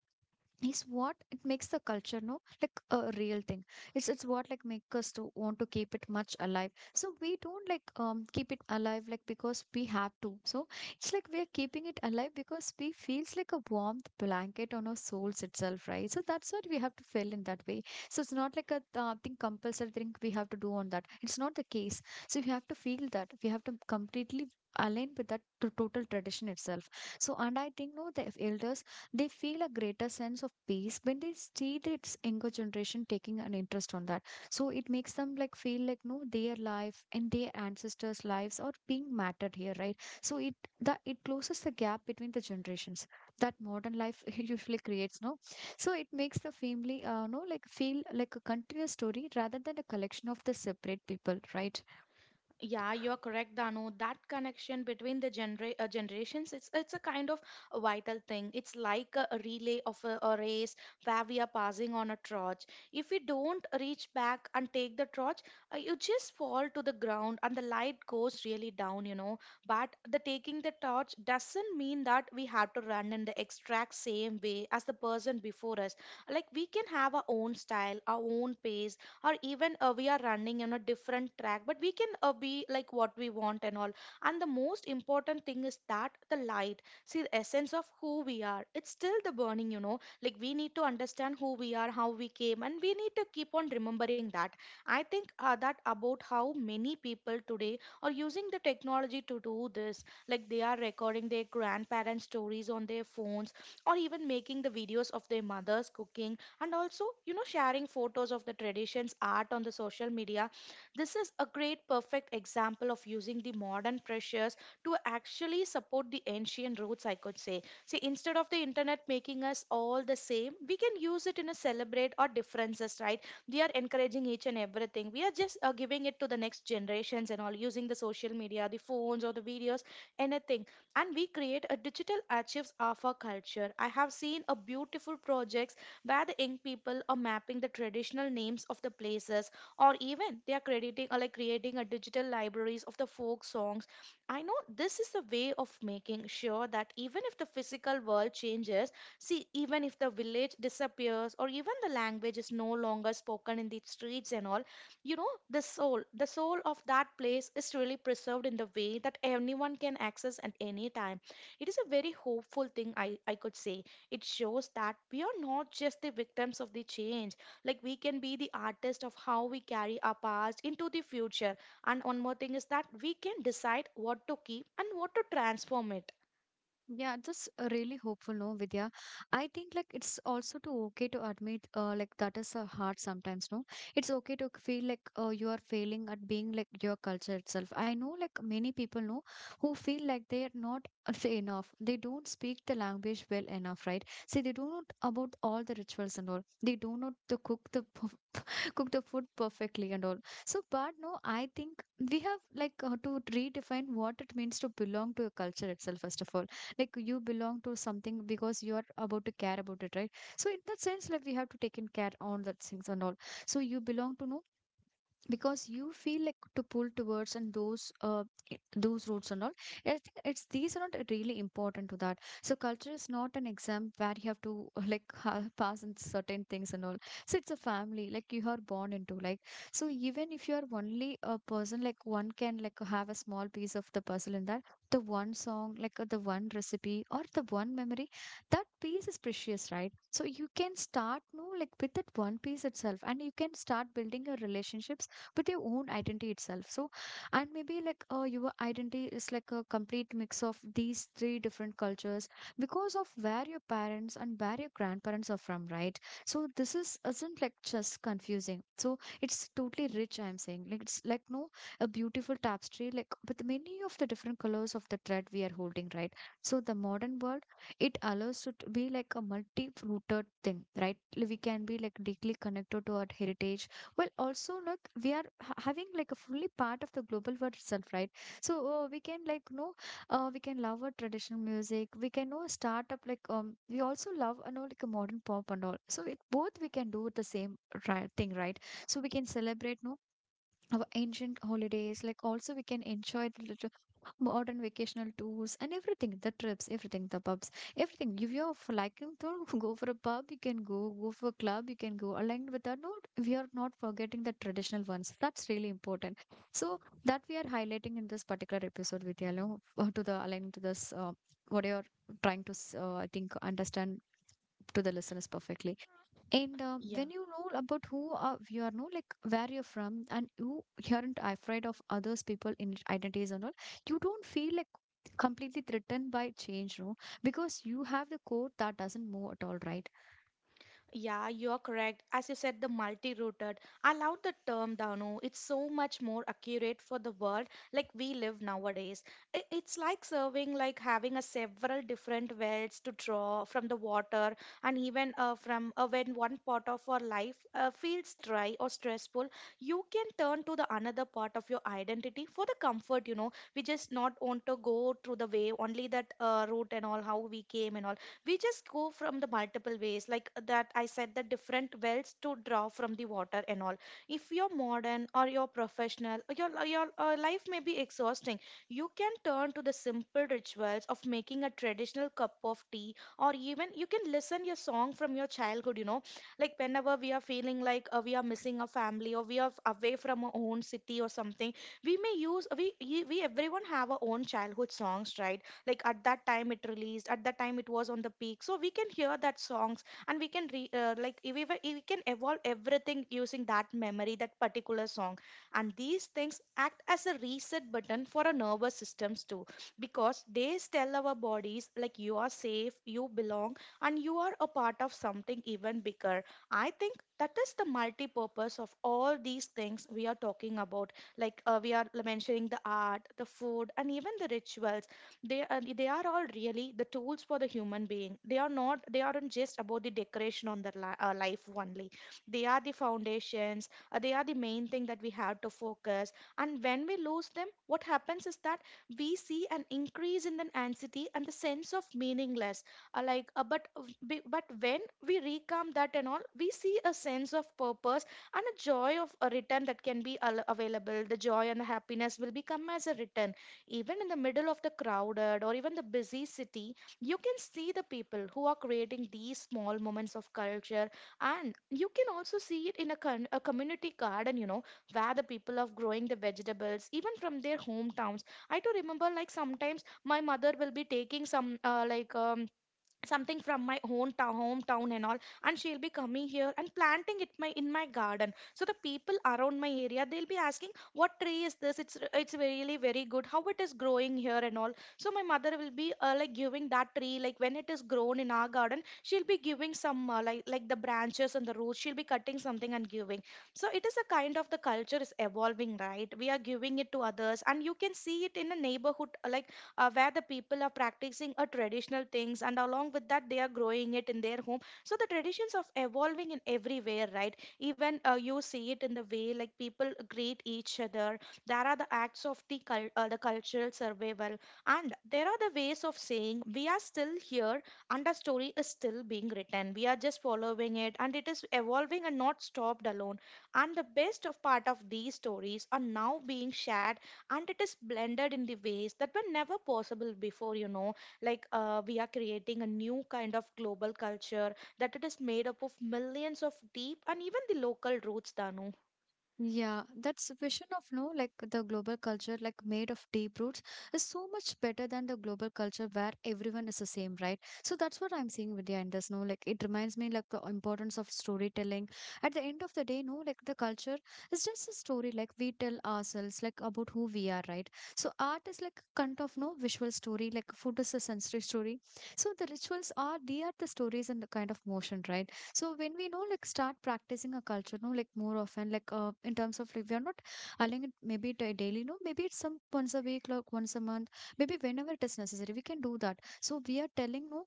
Speaker 1: is what it makes the culture, no, like a real thing. It's what like make us to want to keep it much alive, so we don't like keep it alive like because we have to. So it's like we are keeping it alive because we feels like a warmth blanket on our souls itself, right? So that's what we have to feel in that way. So it's not like a thing, compulsory thing we have to do on that, it's not the case. So we have to feel that we have to completely align with that total tradition itself. So, and I think, no, the elders, they feel a greater sense of peace when they see this younger generation taking an interest on that. So it makes them like feel like, no, their life and their ancestors lives are being mattered here, right? So it, that it closes the gap between the generations that modern life usually creates, no. So it makes the family no, like feel like a continuous story rather than a collection of the separate people, right?
Speaker 2: Yeah, you're correct, Dano. That connection between the generations, it's a kind of a vital thing. It's like a relay of a race where we are passing on a torch. If we don't reach back and take the torch, you just fall to the ground and the light goes really down, you know. But the taking the torch doesn't mean that we have to run in the exact same way as the person before us. Like we can have our own style, our own pace, or even we are running on a different track, but we can be like what we want and all. And the most important thing is that the light, see, the essence of who we are, it's still the burning, you know. Like we need to understand who we are, how we came, and we need to keep on remembering that. I think that about how many people today are using the technology to do this. Like they are recording their grandparents stories on their phones, or even making the videos of their mothers cooking, and also you know sharing photos of the traditions art on the social media. This is a great perfect example of using the modern pressures to actually support the ancient roots, I could say. See, instead of the internet making us all the same, we can use it in a celebrate our differences, right? We are encouraging each and everything. We are just giving it to the next generations and all, using the social media, the phones or the videos, anything. And we create a digital archives of our culture. I have seen a beautiful projects where the young people are mapping the traditional names of the places, or even they are crediting or like creating a digital libraries of the folk songs. I know this is a way of making sure that even if the physical world changes, see even if the village disappears or even the language is no longer spoken in the streets and all, you know, the soul of that place is really preserved in the way that anyone can access at any time. It is a very hopeful thing, I could say. It shows that we are not just the victims of the change. Like we can be the artist of how we carry our past into the future. And one more thing is that we can decide what to keep and what to transform it.
Speaker 1: Yeah, that's really hopeful, no, Vidya. I think like it's also too okay to admit, like that is hard sometimes, no. It's okay to feel like you are failing at being like your culture itself. I know like many people know who feel like they are not say enough. They don't speak the language well enough, right? See, they do not know about all the rituals and all. They do not know to cook the cook the food perfectly and all. So, but no, I think we have like to redefine what it means to belong to a culture itself, first of all. Like you belong to something because you are about to care about it, right? So, in that sense, like we have to take in care on that things and all. So, you belong to no because you feel like to pull towards and those i- those roots and all. I think it's these are not really important to that, so culture is not an exam where you have to like pass in certain things and all. So it's a family like you are born into, like, so even if you are only a person, like one can like have a small piece of the puzzle in that, the one song like, the one recipe or the one memory, that piece is precious, right? So you can start, no, like with that one piece itself, and you can start building your relationship but your own identity itself. So, and maybe like, your identity is like a complete mix of these three different cultures because of where your parents and where your grandparents are from, right? So this is isn't like just confusing, so it's totally rich, I'm saying, like it's like no, a beautiful tapestry like with many of the different colors of the thread we are holding, right? So the modern world, it allows it to be like a multi-rooted thing, right? Like, we can be like deeply connected to our heritage well, also look, we are having like a fully part of the global world itself, right? So we can like know, we can love our traditional music. We can know start up like we also love, you know, like a modern pop and all. So it both we can do the same right thing, right? So we can celebrate, no, our ancient holidays, like also we can enjoy the little modern vacational tours and everything, the trips, everything, the pubs, everything, if you're liking to go for a pub you can go, go for a club you can go, aligned with that note we are not forgetting the traditional ones, that's really important. So that we are highlighting in this particular episode with yellow, to the aligning to this what you're trying to I think understand to the listeners perfectly. And
Speaker 2: Yeah.
Speaker 1: when you know about who you are, know like where you're from, and you aren't afraid of others people in identities and all, you don't feel like completely threatened by change, no, because you have the core that doesn't move at all, right?
Speaker 2: Yeah, you're correct. As you said, the multi rooted, I love the term, Danu. It's so much more accurate for the world like we live nowadays. I- It's like serving, like having a several different wells to draw from the water, and even from when one part of our life feels dry or stressful, you can turn to the another part of your identity for the comfort. You know, we just not want to go through the way only that route and all how we came and all. We just go from the multiple ways like that I said, the different wells to draw from the water and all. If you're modern or you're professional or your life may be exhausting, you can turn to the simple rituals of making a traditional cup of tea, or even you can listen your song from your childhood, you know, like whenever we are feeling like we are missing a family or we are away from our own city or something. We may use everyone have our own childhood songs, right? Like at that time it released, at that time it was on the peak, so we can hear that songs and we can re, like we, were- we can evolve everything using that memory, that particular song. And these things act as a reset button for our nervous systems too, because they tell our bodies like you are safe, you belong, and you are a part of something even bigger. I think that is the multi-purpose of all these things we are talking about. Like we are mentioning the art, the food, and even the rituals. They are all really the tools for the human being. They are not they aren't just about the decoration on their life only. They are the foundations. They are the main thing that we have to focus. And when we lose them, what happens is that we see an increase in the anxiety and the sense of meaningless. Uh, like uh, but uh, b- but when we recalm that and all, we see a sense of purpose and a joy of a return that can be available. The joy and the happiness will become as a return. Even in the middle of the crowded or even the busy city, you can see the people who are creating these small moments of culture. And you can also see it in a community garden, you know, where the people are growing the vegetables, even from their hometowns. I do remember, like, sometimes my mother will be taking some, something from my own town, hometown and all, and she'll be coming here and planting it my garden. So the people around my area, they'll be asking what tree is this. It's really very good how it is growing here and all. So my mother will be like giving that tree, like when it is grown in our garden, she'll be giving some like the branches and the roots. She'll be cutting something and giving. So it is a kind of the culture is evolving, right? We are giving it to others, and you can see it in a neighborhood, where the people are practicing a traditional things, and along with that they are growing it in their home. So the traditions of evolving in everywhere, right? Even you see it in the way like people greet each other. There are the acts of the the cultural survival, and there are the ways of saying we are still here, and our story is still being written. We are just following it and it is evolving and not stopped alone. And the best of part of these stories are now being shared, and it is blended in the ways that were never possible before, you know. Like we are creating a new kind of global culture that it is made up of millions of deep and even the local roots, Danu.
Speaker 1: Yeah, that's vision of no like the global culture like made of deep roots is so much better than the global culture where everyone is the same, right? So that's what I'm seeing Vidya in this, no like it reminds me like the importance of storytelling. At the end of the day, no like the culture is just a story like we tell ourselves like about who we are, right? So art is like kind of no visual story, like food is a sensory story. So the rituals are they are the stories and the kind of motion, right? So when we know like start practicing a culture, no, like more often, like in terms of like we are not aligning it maybe to daily, no, maybe it's some once a week, like once a month, maybe whenever it is necessary, we can do that. So we are telling no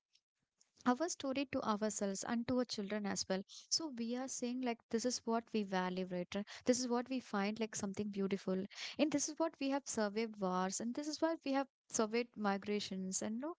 Speaker 1: our story to ourselves and to our children as well. So we are saying like this is what we value, right? This is what we find like something beautiful, and this is what we have surveyed wars, and this is what we have surveyed migrations, and no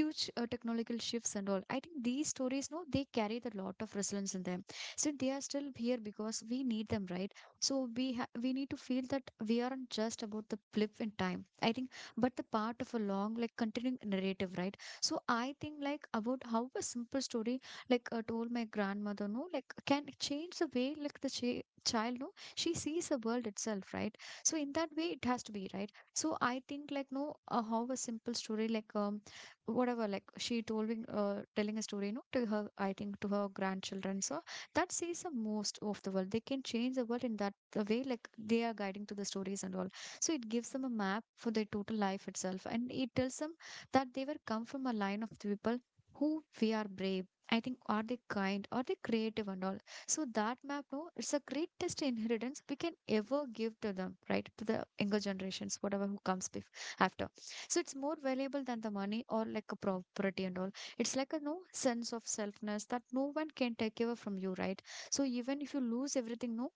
Speaker 1: huge technological shifts and all. I think these stories, no, they carry the lot of resilience in them. So they are still here because we need them, right? So we need to feel that we aren't just about the blip in time, I think, but the part of a long like continuing narrative, right? So I think like about how a simple story like, told my grandmother, no, like can change the way like the ch child, no, she sees the world itself, right? So in that way, it has to be right. So I think like no, how a simple story like whatever like she told me, telling a story, no, to her, I think to her grandchildren, so that sees the most of the world. They can change the world in that the way like they are guiding to the stories and all. So it gives them a map for their total life itself, and it tells them that they were come from a line of the people who we are brave. I think are they kind, are they creative and all. So that map, no, it's a greatest inheritance we can ever give to them, right? To the younger generations, whatever who comes after. So it's more valuable than the money or like a property and all. It's like a no sense of selfness that no one can take away from you, right? So even if you lose everything, no,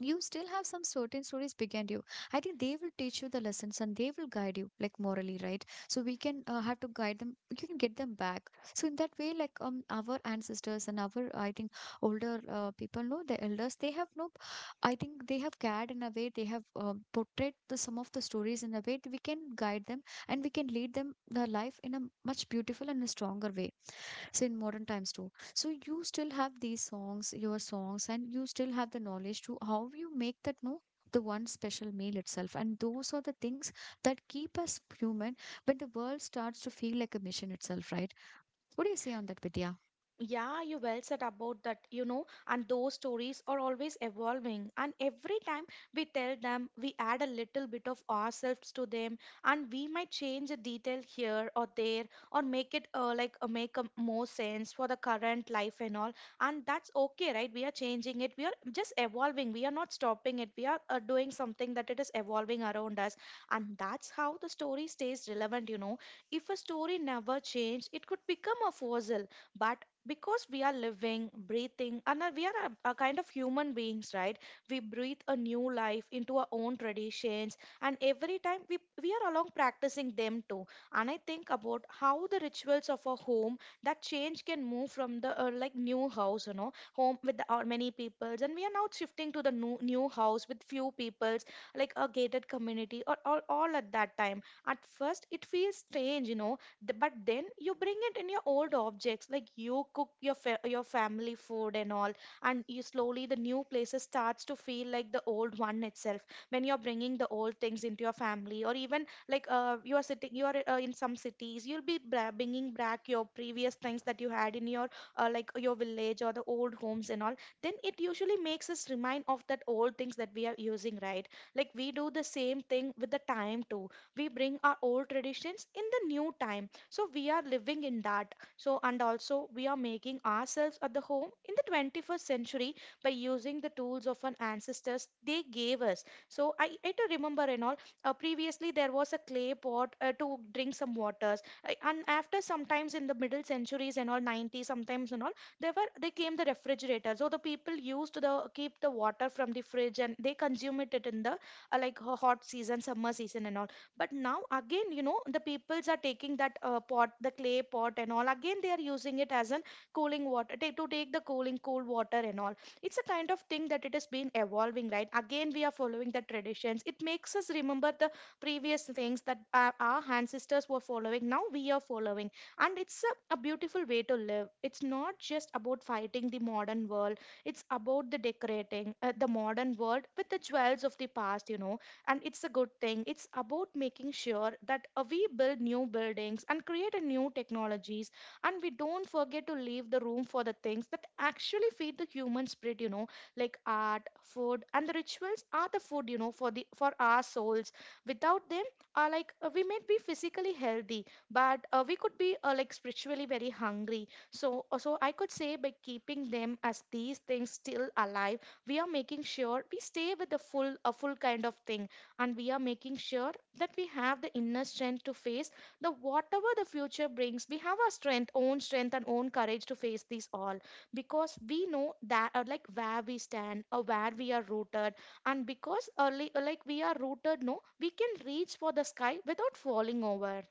Speaker 1: you still have some certain stories behind you. I think they will teach you the lessons and they will guide you like morally, right? So we can have to guide them, you can get them back. So in that way like our ancestors and our, I think older people know the elders, they have no, I think they have cared in a way, they have portrayed the some of the stories in a way that we can guide them and we can lead them the life in a much beautiful and a stronger way. So in modern times too. So you still have these songs, your songs, and you still have the knowledge to how you make that no the one special meal itself. And those are the things that keep us human when the world starts to feel like a mission itself, right? What do you say on that, Vidya?
Speaker 2: Yeah, you well said about that, you know, and those stories are always evolving. And every time we tell them, we add a little bit of ourselves to them, and we might change a detail here or there, or make it make a more sense for the current life and all. And that's okay, right? We are changing it. We are just evolving. We are not stopping it. We are doing something that it is evolving around us, and that's how the story stays relevant. You know, if a story never changed, it could become a fossil. But because we are living breathing, and we are a kind of human beings, right? We breathe a new life into our own traditions, and every time we are along practicing them too. And I think about how the rituals of a home that change can move from the like new house, you know, home with the many peoples, and we are now shifting to the new house with few peoples, like a gated community, or all. At that time, at first it feels strange, you know. But then you bring it in your old objects, like you cook your your family food and all. And you slowly the new places starts to feel like the old one itself. When you're bringing the old things into your family, or even like you are sitting, you are in some cities, you'll be bringing back your previous things that you had in your like your village or the old homes and all, then it usually makes us remind of that old things that we are using, right? Like we do the same thing with the time too. We bring our old traditions in the new time, so we are living in that. So, and also we are making ourselves at the home in the 21st century by using the tools of our ancestors they gave us. So I do remember and all, previously there was a clay pot to drink some waters. And after sometimes in the middle centuries and all, 90s sometimes and all, there were they came the refrigerator. So the people used the keep the water from the fridge, and they consume it it in the like hot season, summer season and all. But now again, you know, the peoples are taking that pot, the clay pot and all, again they are using it as an cooling water to take the cooling cool water and all. It's a kind of thing that it has been evolving, right? Again we are following the traditions. It makes us remember the previous things that our ancestors were following, now we are following. And it's a beautiful way to live. It's not just about fighting the modern world. It's about the decorating the modern world with the jewels of the past, you know. And it's a good thing. It's about making sure that we build new buildings and create a new technologies, and we don't forget to leave the room for the things that actually feed the human spirit, you know, like art, food and the rituals are the food, you know, for the for our souls. Without them, we may be physically healthy, but we could be like spiritually very hungry. So, I could say by keeping them as these things still alive, we are making sure we stay with the full kind of thing, and we are making sure that we have the inner strength to face the whatever the future brings. We have our strength own strength and own courage to face these all, because we know that like where we stand or where we are rooted. And because early like we are rooted no, we can reach for the sky without falling over.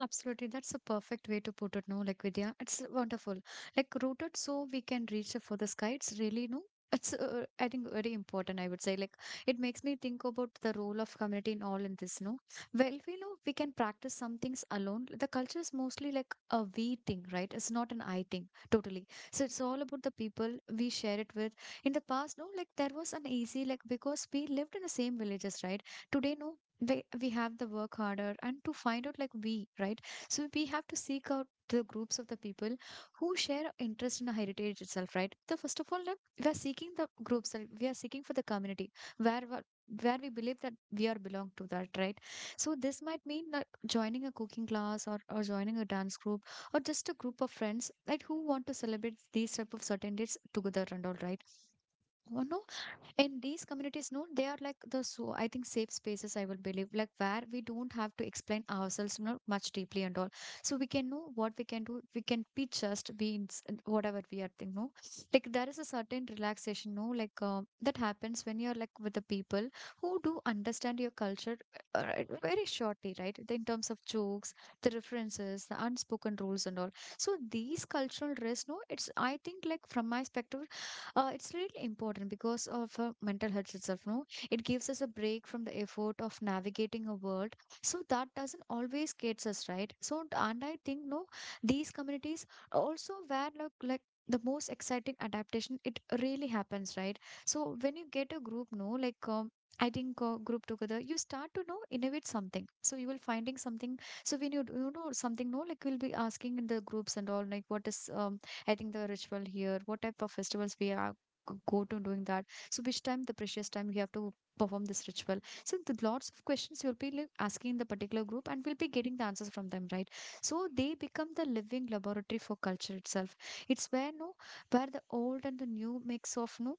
Speaker 1: Absolutely, that's a perfect way to put it. No, like Vidya, it's wonderful. Like rooted, so we can reach for the sky. It's really no. It's I think very important. I would say like it makes me think about the role of community in all in this. No, well we know we can practice some things alone. The culture is mostly like a we thing, right? It's not an I thing totally. So it's all about the people we share it with. In the past, no, like there was an easy like because we lived in the same villages, right? Today, no, we have the work harder and to find out like we, right? So we have to seek out the groups of the people who share interest in the heritage itself, right? So first of all, like, we are seeking the groups, like, we are seeking for the community where we- where we believe that we are belong to that, right? So this might mean that joining a cooking class or joining a dance group, or just a group of friends like who want to celebrate these type of certain dates together and all, right? one of In these communities, no, they are like the, so I think, safe spaces, I will believe, like where we don't have to explain ourselves, much deeply and all. So we can know what we can do, we can be just be whatever we are thinking, no, like there is a certain relaxation, no, like that happens when you're like with the people who do understand your culture very shortly, right? In terms of jokes, the references, the unspoken rules and all. So these cultural risks, no, it's I think like from my perspective, it's really important because of mental health itself, no. It gives us a break from the effort of navigating a world so that doesn't always gets us right. So and I think, no, these communities also where like the most exciting adaptation it really happens, right? So when you get a group, no, like I think group together, you start to know innovate something, so you will finding something. So when you know something, no, like we'll be asking in the groups and all like what is I think the ritual here, what type of festivals we are go to doing that. So which time the precious time we have to perform this ritual. So the lots of questions you'll be like asking the particular group and we'll be getting the answers from them, right? So they become the living laboratory for culture itself. It's where, no, where the old and the new mix of, no,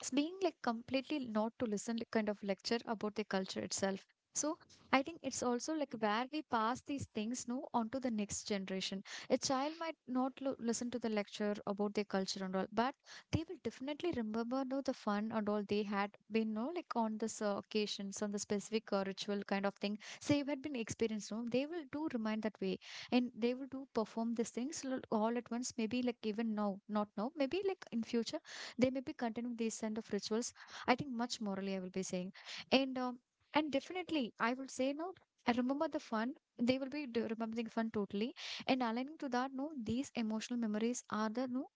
Speaker 1: it's being like completely not to listen, like, kind of lecture about the culture itself. So I think it's also like where we pass these things, no, onto the next generation. A child might not listen to the lecture about their culture and all, but they will definitely remember, no, the fun and all they had been, no, like on this occasions on the specific ritual kind of thing, so you had been experienced, no, they will do remind that way. And they will do perform these things all at once, maybe like even now, not now, maybe like in future they may be continuing these kind of rituals. I think much morally I will be saying. And um, and definitely I will say, no, I remember the fun, they will be remembering fun totally. And aligning to that, no, these emotional memories are the, no,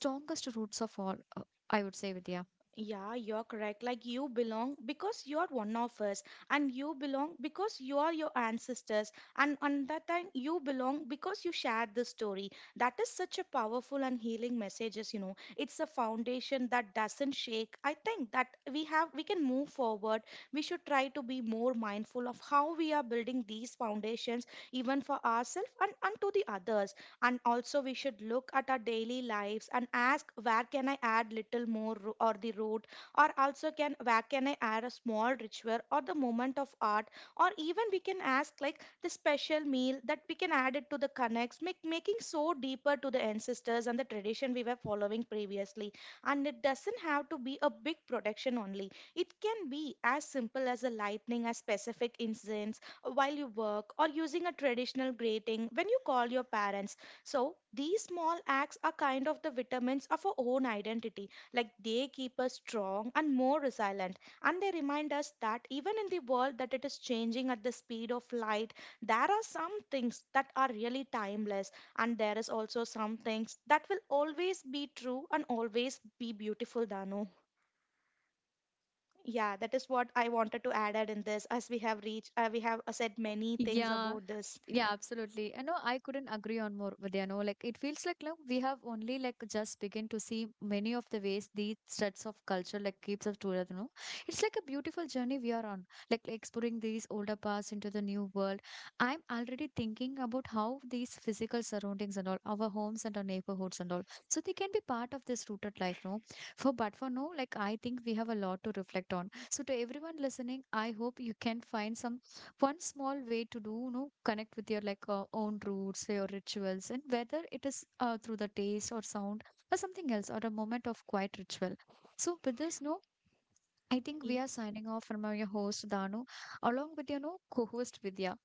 Speaker 1: strongest roots of all, I would say, Vidya.
Speaker 2: Yeah, you're correct. Like you belong because you're one of us, and you belong because you are your ancestors, and on that time you belong because you shared the story. That is such a powerful and healing messages, you know. It's a foundation that doesn't shake. I think that we can move forward. We should try to be more mindful of how we are building these foundations, even for ourselves, and to the others. And also we should look at our daily lives and ask, where can I add little more or the root, or also can where can I add a small ritual or the moment of art, or even we can ask like the special meal that we can add it to the connects making so deeper to the ancestors and the tradition we were following previously. And it doesn't have to be a big production only. It can be as simple as a lightning a specific incidents while you work, or using a traditional greeting when you call your parents. So these small acts are kind of the vitamins of our own identity. Like they keep us strong and more resilient. And they remind us that even in the world that it is changing at the speed of light, there are some things that are really timeless. And there is also some things that will always be true and always be beautiful, Danu. Yeah, that is what I wanted to add in this, as we have reached, we have said many things
Speaker 1: Yeah,
Speaker 2: about this.
Speaker 1: yeah, absolutely. I know I couldn't agree on more with, like it feels like now we have only like just begin to see many of the ways these threads of culture like keeps us together. It's like a beautiful journey we are on, like exploring these older paths into the new world. I'm already thinking about how these physical surroundings and all, our homes and our neighborhoods and all. So they can be part of this rooted life, no? For but for no, like I think we have a lot to reflect on. So to everyone listening, I hope you can find some one small way to do connect with your like own roots, your rituals, and whether it is through the taste or sound or something else or a moment of quiet ritual. So with this, no, I think we
Speaker 2: Y-
Speaker 1: are signing off from our host, Danu, along with your, no, co-host, Vidya.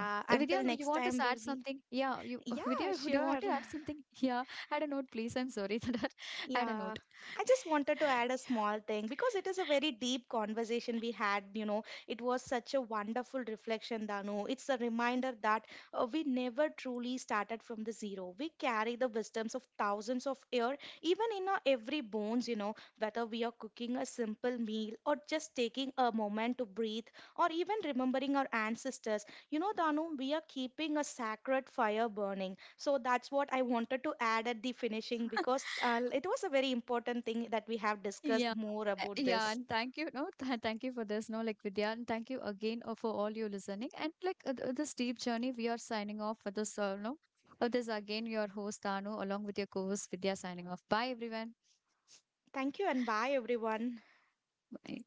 Speaker 1: Uh, Vidya,
Speaker 2: until
Speaker 1: you
Speaker 2: next
Speaker 1: want to
Speaker 2: time,
Speaker 1: add
Speaker 2: we'll be.
Speaker 1: something? Yeah, you
Speaker 2: Yeah,
Speaker 1: Vidya, would you want
Speaker 2: sure.
Speaker 1: to add something? Yeah, add a note please, I'm sorry that I had a
Speaker 2: Yeah,
Speaker 1: note.
Speaker 2: I just wanted to add a small thing because it is a very deep conversation we had. You know, it was such a wonderful reflection, Danu. It's a reminder that we never truly started from the zero. We carry the wisdoms of thousands of years, even in our every bones, you know, whether we are cooking a simple meal or just taking a moment to breathe, or even remembering our ancestors. You know, Danu, we are keeping a sacred fire burning. So that's what I wanted to add at the finishing, because it was a very important thing that we have discussed
Speaker 1: Yeah.
Speaker 2: more about
Speaker 1: Yeah,
Speaker 2: this.
Speaker 1: and thank you. No, th thank you for this. No, like Vidya, and thank you again for all you listening. And like this deep journey, we are signing off for this. No, this again your host, Anu, along with your co-host, Vidya, signing off. Bye, everyone.
Speaker 2: Thank you and bye, everyone.
Speaker 1: Bye.